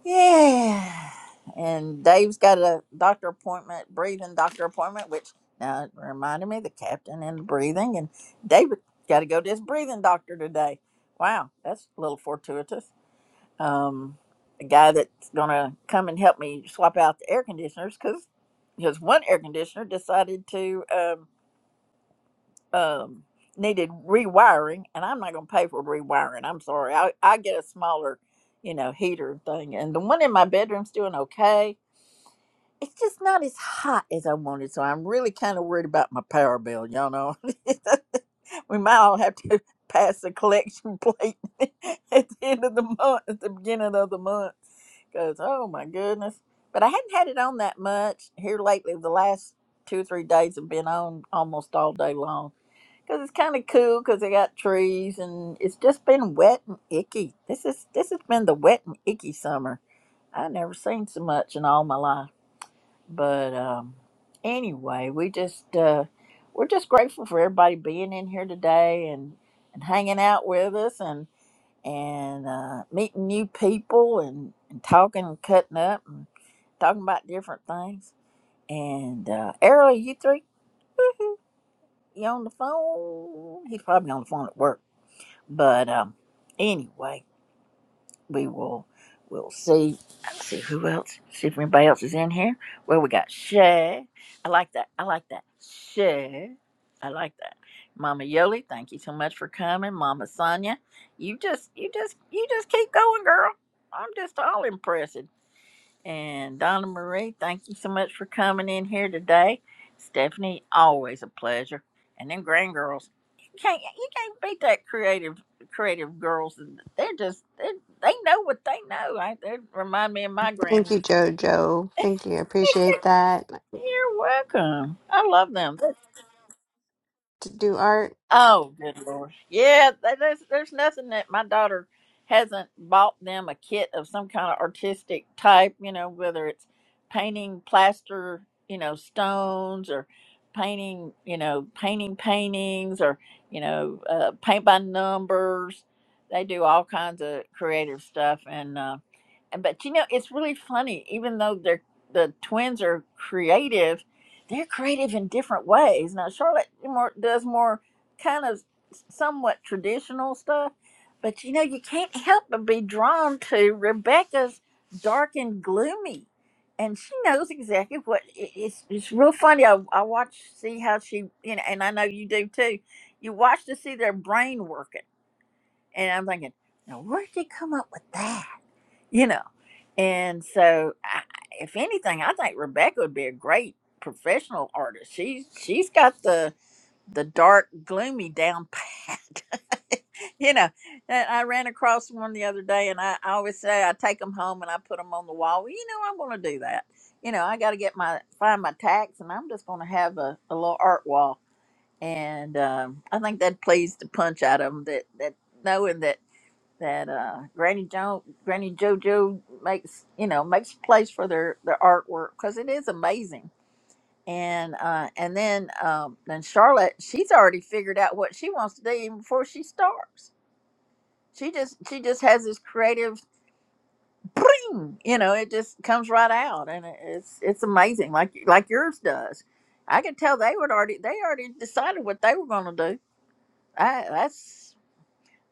yeah. And Dave's got a doctor appointment, breathing doctor appointment, which now it reminded me of the captain and the breathing, and David got to go to his breathing doctor today. Wow, that's a little fortuitous. Um, the guy that's gonna come and help me swap out the air conditioners because because one air conditioner decided to. Um, um, needed rewiring, and I'm not going to pay for rewiring. I'm sorry. I, I get a smaller, you know, heater thing, and the one in my bedroom's doing okay. It's just not as hot as I wanted, so I'm really kind of worried about my power bill. Y'all know, we might all have to pass a collection plate at the end of the month, at the beginning of the month, because oh my goodness. But I hadn't had it on that much here lately. The last two or three days have been on almost all day long because it's kind of cool because they got trees and it's just been wet and icky. This is this has been the wet and icky summer. I never seen so much in all my life. But um, anyway, we just uh, we're just grateful for everybody being in here today and and hanging out with us and and uh, meeting new people and, and talking and cutting up and talking about different things. And uh, Errol, you three, you on the phone? He's probably on the phone at work But um, anyway, we will we'll see. Let's see who else. See if anybody else is in here. Well, we got Shay. I like that. I like that. Shay. I like that. Mama Yoli, thank you so much for coming. Mama Sonia, you just you just you just keep going, girl. I'm just all impressed. And Donna Marie, thank you so much for coming in here today. Stephanie, always a pleasure. And then Grand Girls, you can't you can't beat that creative creative girls. They're just they they know what they know. I, they remind me of my
Thank
grand.
you, Jojo. Thank you. I appreciate that.
You're welcome. I love them.
To do art.
Oh, good lord. Yeah, th- there's there's nothing that my daughter hasn't bought them a kit of some kind of artistic type, you know, whether it's painting plaster, you know, stones or painting, you know, painting paintings or, you know, uh, paint by numbers. They do all kinds of creative stuff and uh and but you know, it's really funny even though they're the twins are creative, they're creative in different ways. Now Charlotte more does more kind of somewhat traditional stuff, but you know, you can't help but be drawn to Rebecca's dark and gloomy. And she knows exactly what i- it's. It's real funny. I, I watch, see how she, you know, and I know you do too. You watch to see their brain working, and I'm thinking, now where did they come up with that? You know, and so I, if anything, I think Rebecca would be a great professional artist. She's she's got the the dark, gloomy down pat. you know, and I ran across one the other day, and I, I always say I take them home and I put them on the wall. Well, you know, I'm going to do that. You know, I got to get my find my tax, and I'm just going to have a, a little art wall. And um, I think that pleased the punch out of them that that knowing that that uh, Granny Jo Granny JoJo makes you know makes a place for their their artwork because it is amazing and uh and then um then charlotte she's already figured out what she wants to do even before she starts she just she just has this creative bring you know it just comes right out and it- it's it's amazing like like yours does i could tell they would already they already decided what they were going to do I, that's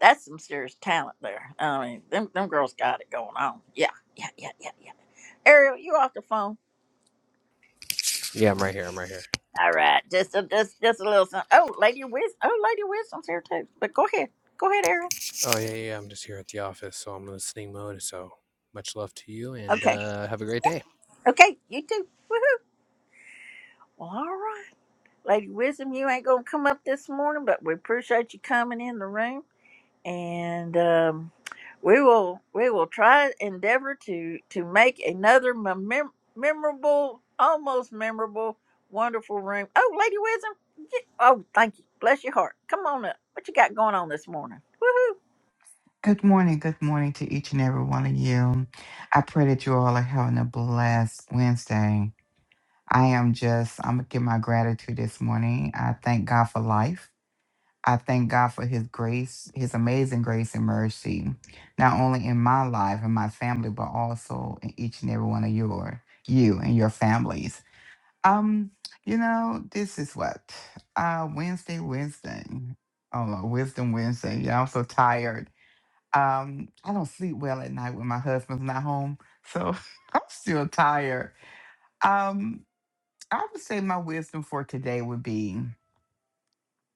that's some serious talent there i mean them, them girls got it going on yeah yeah yeah yeah yeah ariel you off the phone
Yeah, I'm right here. I'm right here.
All right, just a just just a little something. Oh, Lady Wisdom. Oh, Lady Wisdom's here too. But go ahead, go ahead, Aaron.
Oh, yeah, yeah. yeah, I'm just here at the office, so I'm in listening mode. So much love to you and
Okay,
uh, have a great day.
okay, you too. Woohoo! Well, all right, Lady Wisdom, you ain't gonna come up this morning, but we appreciate you coming in the room, and um, we will we will try endeavor to to make another mem- memorable, almost memorable, wonderful room. Oh, Lady Wisdom. get- Oh, thank you. Bless your heart. Come on up. What you got going on this morning? Woohoo!
Good morning. Good morning to each and every one of you. I pray that you all are having a blessed Wednesday. I am just, I'm going to give my gratitude this morning. I thank God for life. I thank God for his grace, his amazing grace and mercy, not only in my life and my family, but also in each and every one of your, you and your families. Um, you know, this is what, uh, Wednesday, Wednesday. Oh, Lord, Wisdom Wednesday. Yeah, I'm so tired. Um, I don't sleep well at night when my husband's not home, so I'm still tired. Um, I would say my wisdom for today would be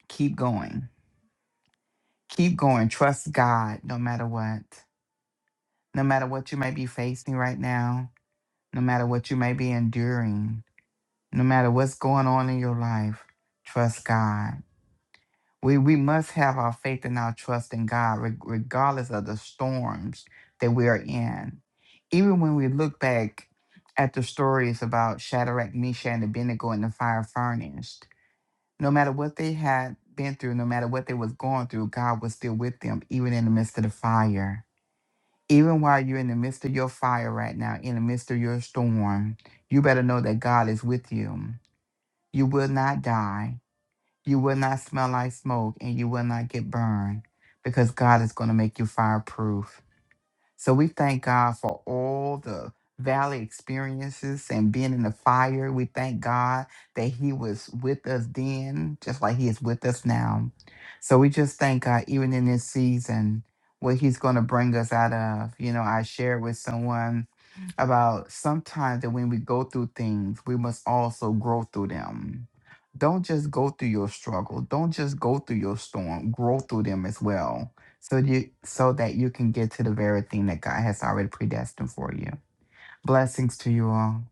keep going, keep going. Trust God no matter what, no matter what you may be facing right now, no matter what you may be enduring, no matter what's going on in your life. Trust God We we must have our faith and our trust in God, reg- regardless of the storms that we are in. Even when we look back at the stories about Shadrach, Meshach, and Abednego in the fire furnace, no matter what they had been through, no matter what they was going through, God was still with them, even in the midst of the fire. Even while you're in the midst of your fire right now, in the midst of your storm, you better know that God is with you. You will not die you will not smell like smoke and you will not get burned because God is going to make you fireproof. So we thank God for all the valley experiences and being in the fire. We thank God that He was with us then, just like He is with us now. So we just thank God, even in this season, what He's going to bring us out of. You know, I shared with someone about sometimes that when we go through things, we must also grow through them. Don't just go through your struggle. Don't just go through your storm. Grow through them as well so you so that you can get to the very thing that God has already predestined for you. Blessings to you all.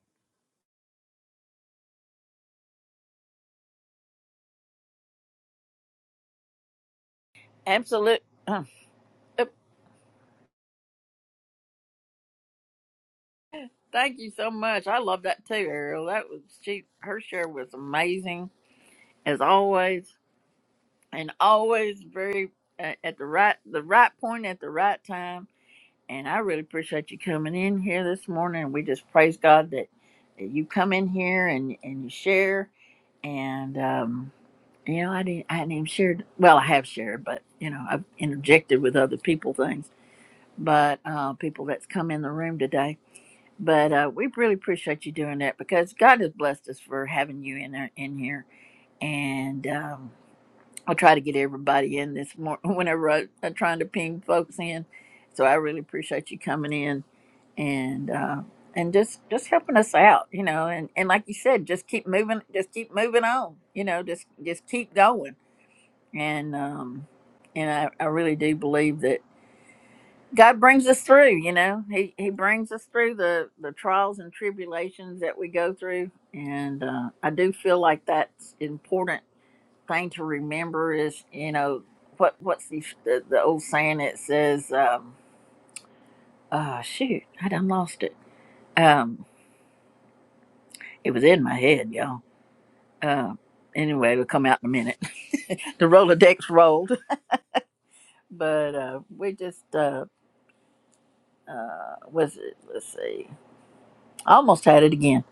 Absolute. Yep. Thank you so much. I love that too, Ariel. That was she. Her share was amazing as always, and always very uh, at the right the right point at the right time. And I really appreciate you coming in here this morning. We just praise God that, that you come in here and and you share. And um, you know, I didn't I hadn't even shared. Well, I have shared, but you know, I've interjected with other people things. But uh, people that's come in the room today. But uh, we really appreciate you doing that because God has blessed us for having you in our, in here. And um, I'll try to get everybody in this morning whenever I, I'm trying to ping folks in. So I really appreciate you coming in and uh, and just just helping us out, you know. And, and like you said, just keep moving, just keep moving on, you know. Just just keep going. And um, and I, I really do believe that. God brings us through, you know. He he brings us through the the trials and tribulations that we go through, and uh, I do feel like that's important thing to remember is you know what what's the the, the old saying that says um, uh shoot I done lost it um it was in my head y'all uh, anyway it'll come out in a minute the Rolodex rolled but uh, we just uh uh was it let's see I almost had it again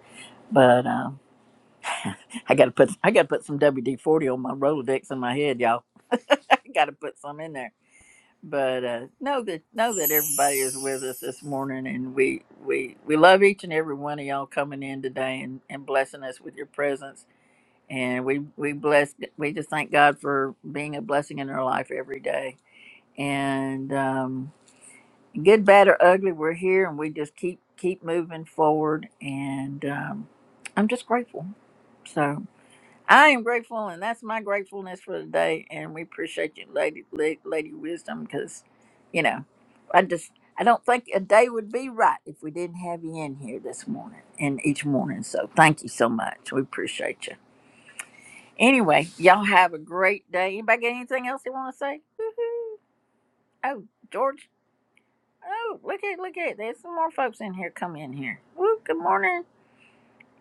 but. Um, I gotta put I gotta put some WD forty on my Rolodex in my head, y'all. I gotta put some in there. But uh, know that know that everybody is with us this morning, and we we we love each and every one of y'all coming in today and, and blessing us with your presence. And we we bless we just thank God for being a blessing in our life every day. And um, good, bad, or ugly, we're here, and we just keep keep moving forward. And um, I'm just grateful. So. I am grateful, and that's my gratefulness for the day. And we appreciate you, Lady La- Lady Wisdom, because you know, I just I don't think a day would be right if we didn't have you in here this morning and each morning. So thank you so much. We appreciate you. Anyway, y'all have a great day. Anybody got anything else they want to say? Woo-hoo. Oh, George. Oh, look at look at. There's some more folks in here. Come in here. Woo, good morning.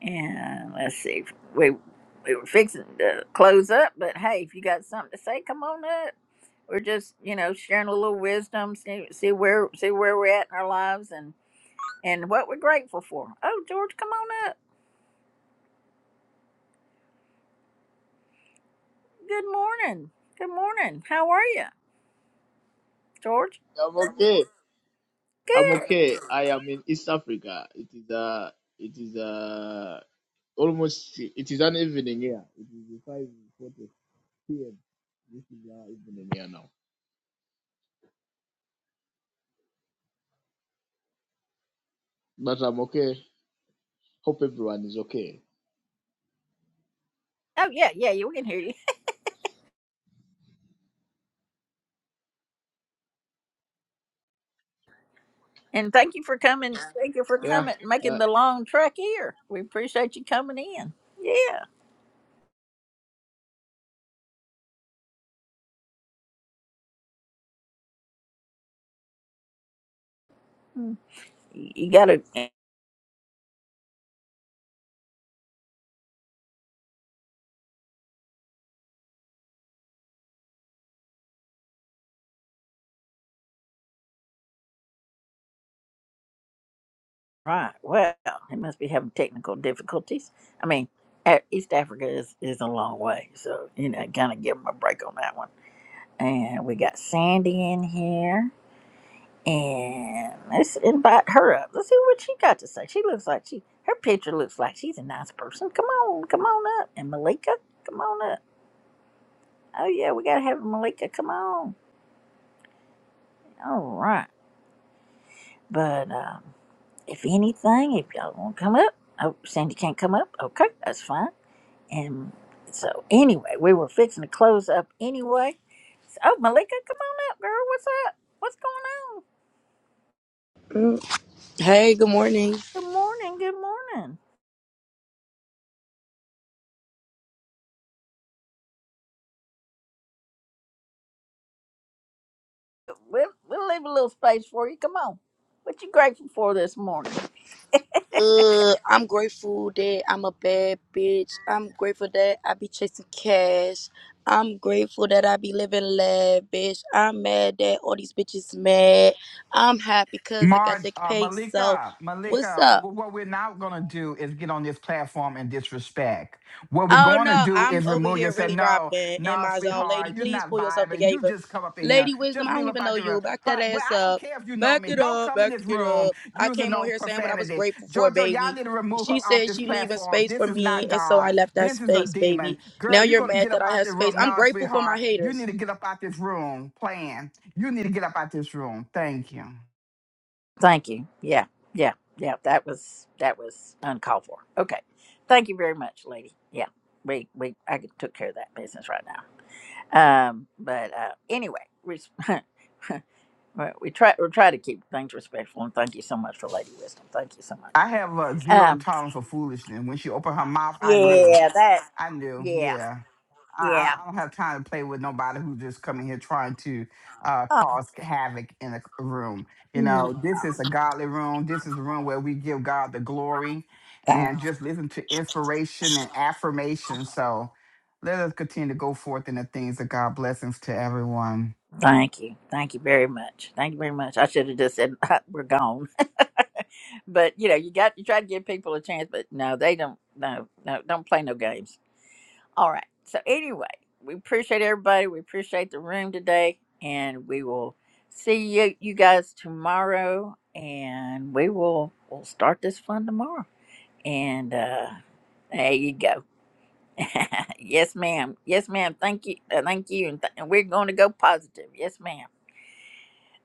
And let's see, we we were fixing to close up, but hey, if you got something to say, come on up. We're just you know sharing a little wisdom, see see where see where we're at in our lives and and what we're grateful for. Oh, George, come on up. Good morning. Good morning. How are you, George?
I'm okay. I'm
Good.
okay. I am in East Africa. It is uh it is uh almost it is an evening here. It is five forty PM. This is our evening here now. But I'm okay. Hope everyone is okay.
Oh yeah, yeah, yeah, we can hear you. And thank you for coming. Thank you for
Yeah.
coming,
Uh,
making the long trek here. We appreciate you coming in. Yeah, Hmm. you got to. Right. Well, he must be having technical difficulties. I mean, A- East Africa is, is a long way, so you know, kind of give him a break on that one. And we got Sandy in here, and let's invite her up. Let's see what she got to say. She looks like she, her picture looks like she's a nice person. Come on, come on up. And Malika, come on up. Oh yeah, we gotta have Malika. Come on. All right. But um, if anything, if y'all want to come up, oh, Sandy can't come up. Okay, that's fine. And so anyway, we were fixing to close up anyway. So, oh, Malika, come on up, girl. What's up? What's going on?
Mm. Hey, good morning.
Good morning. Good morning. We'll, we'll leave a little space for you. Come on. What you grateful for this morning?
Uh, I'm grateful that I'm a bad bitch. I'm grateful that I be chasing cash. I'm grateful that I be living lavish. I'm mad that all these bitches mad. I'm happy because I got
Mar,
the
uh,
pay. So,
Malika,
what's
Malika,
up?
wh- what we're not going to do is get on this platform and disrespect. What we're
Oh
going to
no,
do
I'm
is
over
remove you.
here
Say,
really
no,
rocking in
no,
my zone. Lady,
sweetheart, you're
please
not
pull yourself
vibing. You
together.
just come up in here.
Lady Wisdom,
Just
I
leave
don't
up
even know
out the room.
you. Back that
Huh, well,
ass
I don't
up.
care if you know
Back
me.
it
Don't
up.
come in
Back
this
it
room
up. I
using
came on
no
here saying what I was
profanity.
grateful for,
Jojo, y'all
baby.
need to remove
She
her off
said
this
she leaving
platform.
space
This
for
is not
me, and so
God.
I left that
This is a
space,
demon.
baby. Now
Girl, you're
you're
going to
mad
get up
that I
out
have
this
space.
room.
I'm
No,
grateful for my
sweetheart, you
haters.
need to get up out this room. Plan. You need to get up out this room. Thank you.
Thank you. Yeah, yeah, yeah. That was that was uncalled for. Okay. Thank you very much, lady. Yeah, we we I took care of that business right now. Um, but uh, anyway, res- All right, we try we try to keep things respectful, and thank you so much for Lady Wisdom. Thank you so much.
I have a zero
Um,
tolerance for foolishness. When she opened her mouth, I knew.
yeah, that,
I knew.
yeah,
Yeah. I,
yeah.
I I don't have time to play with nobody who's just coming here trying to uh,
Oh,
cause havoc in a room. You
mm,
know, this is a godly room. This is the room where we give God the glory
thank,
and just listen to inspiration and affirmation. So let us continue to go forth in the things of God. Blessings to everyone.
thank you, thank you very much, thank you very much. I should have just said we're gone, but you know, you got you try to give people a chance, but no, they don't. No, no, don't play no games. All right. So anyway, we appreciate everybody. We appreciate the room today, and we will see you you guys tomorrow, and we will we'll start this fun tomorrow. And uh, there you go. yes, ma'am. Yes, ma'am. Thank you. Uh, thank you. And, th- and we're going to go positive. Yes, ma'am.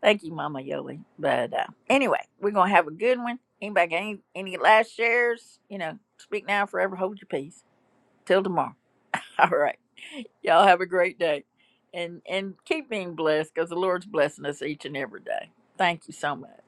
Thank you, Mama Yoli. But uh, anyway, we're going to have a good one. Anybody got any, any last shares? You know, speak now, forever hold your peace. Till tomorrow. All right. Y'all have a great day. And, and keep being blessed because the Lord's blessing us each and every day. Thank you so much.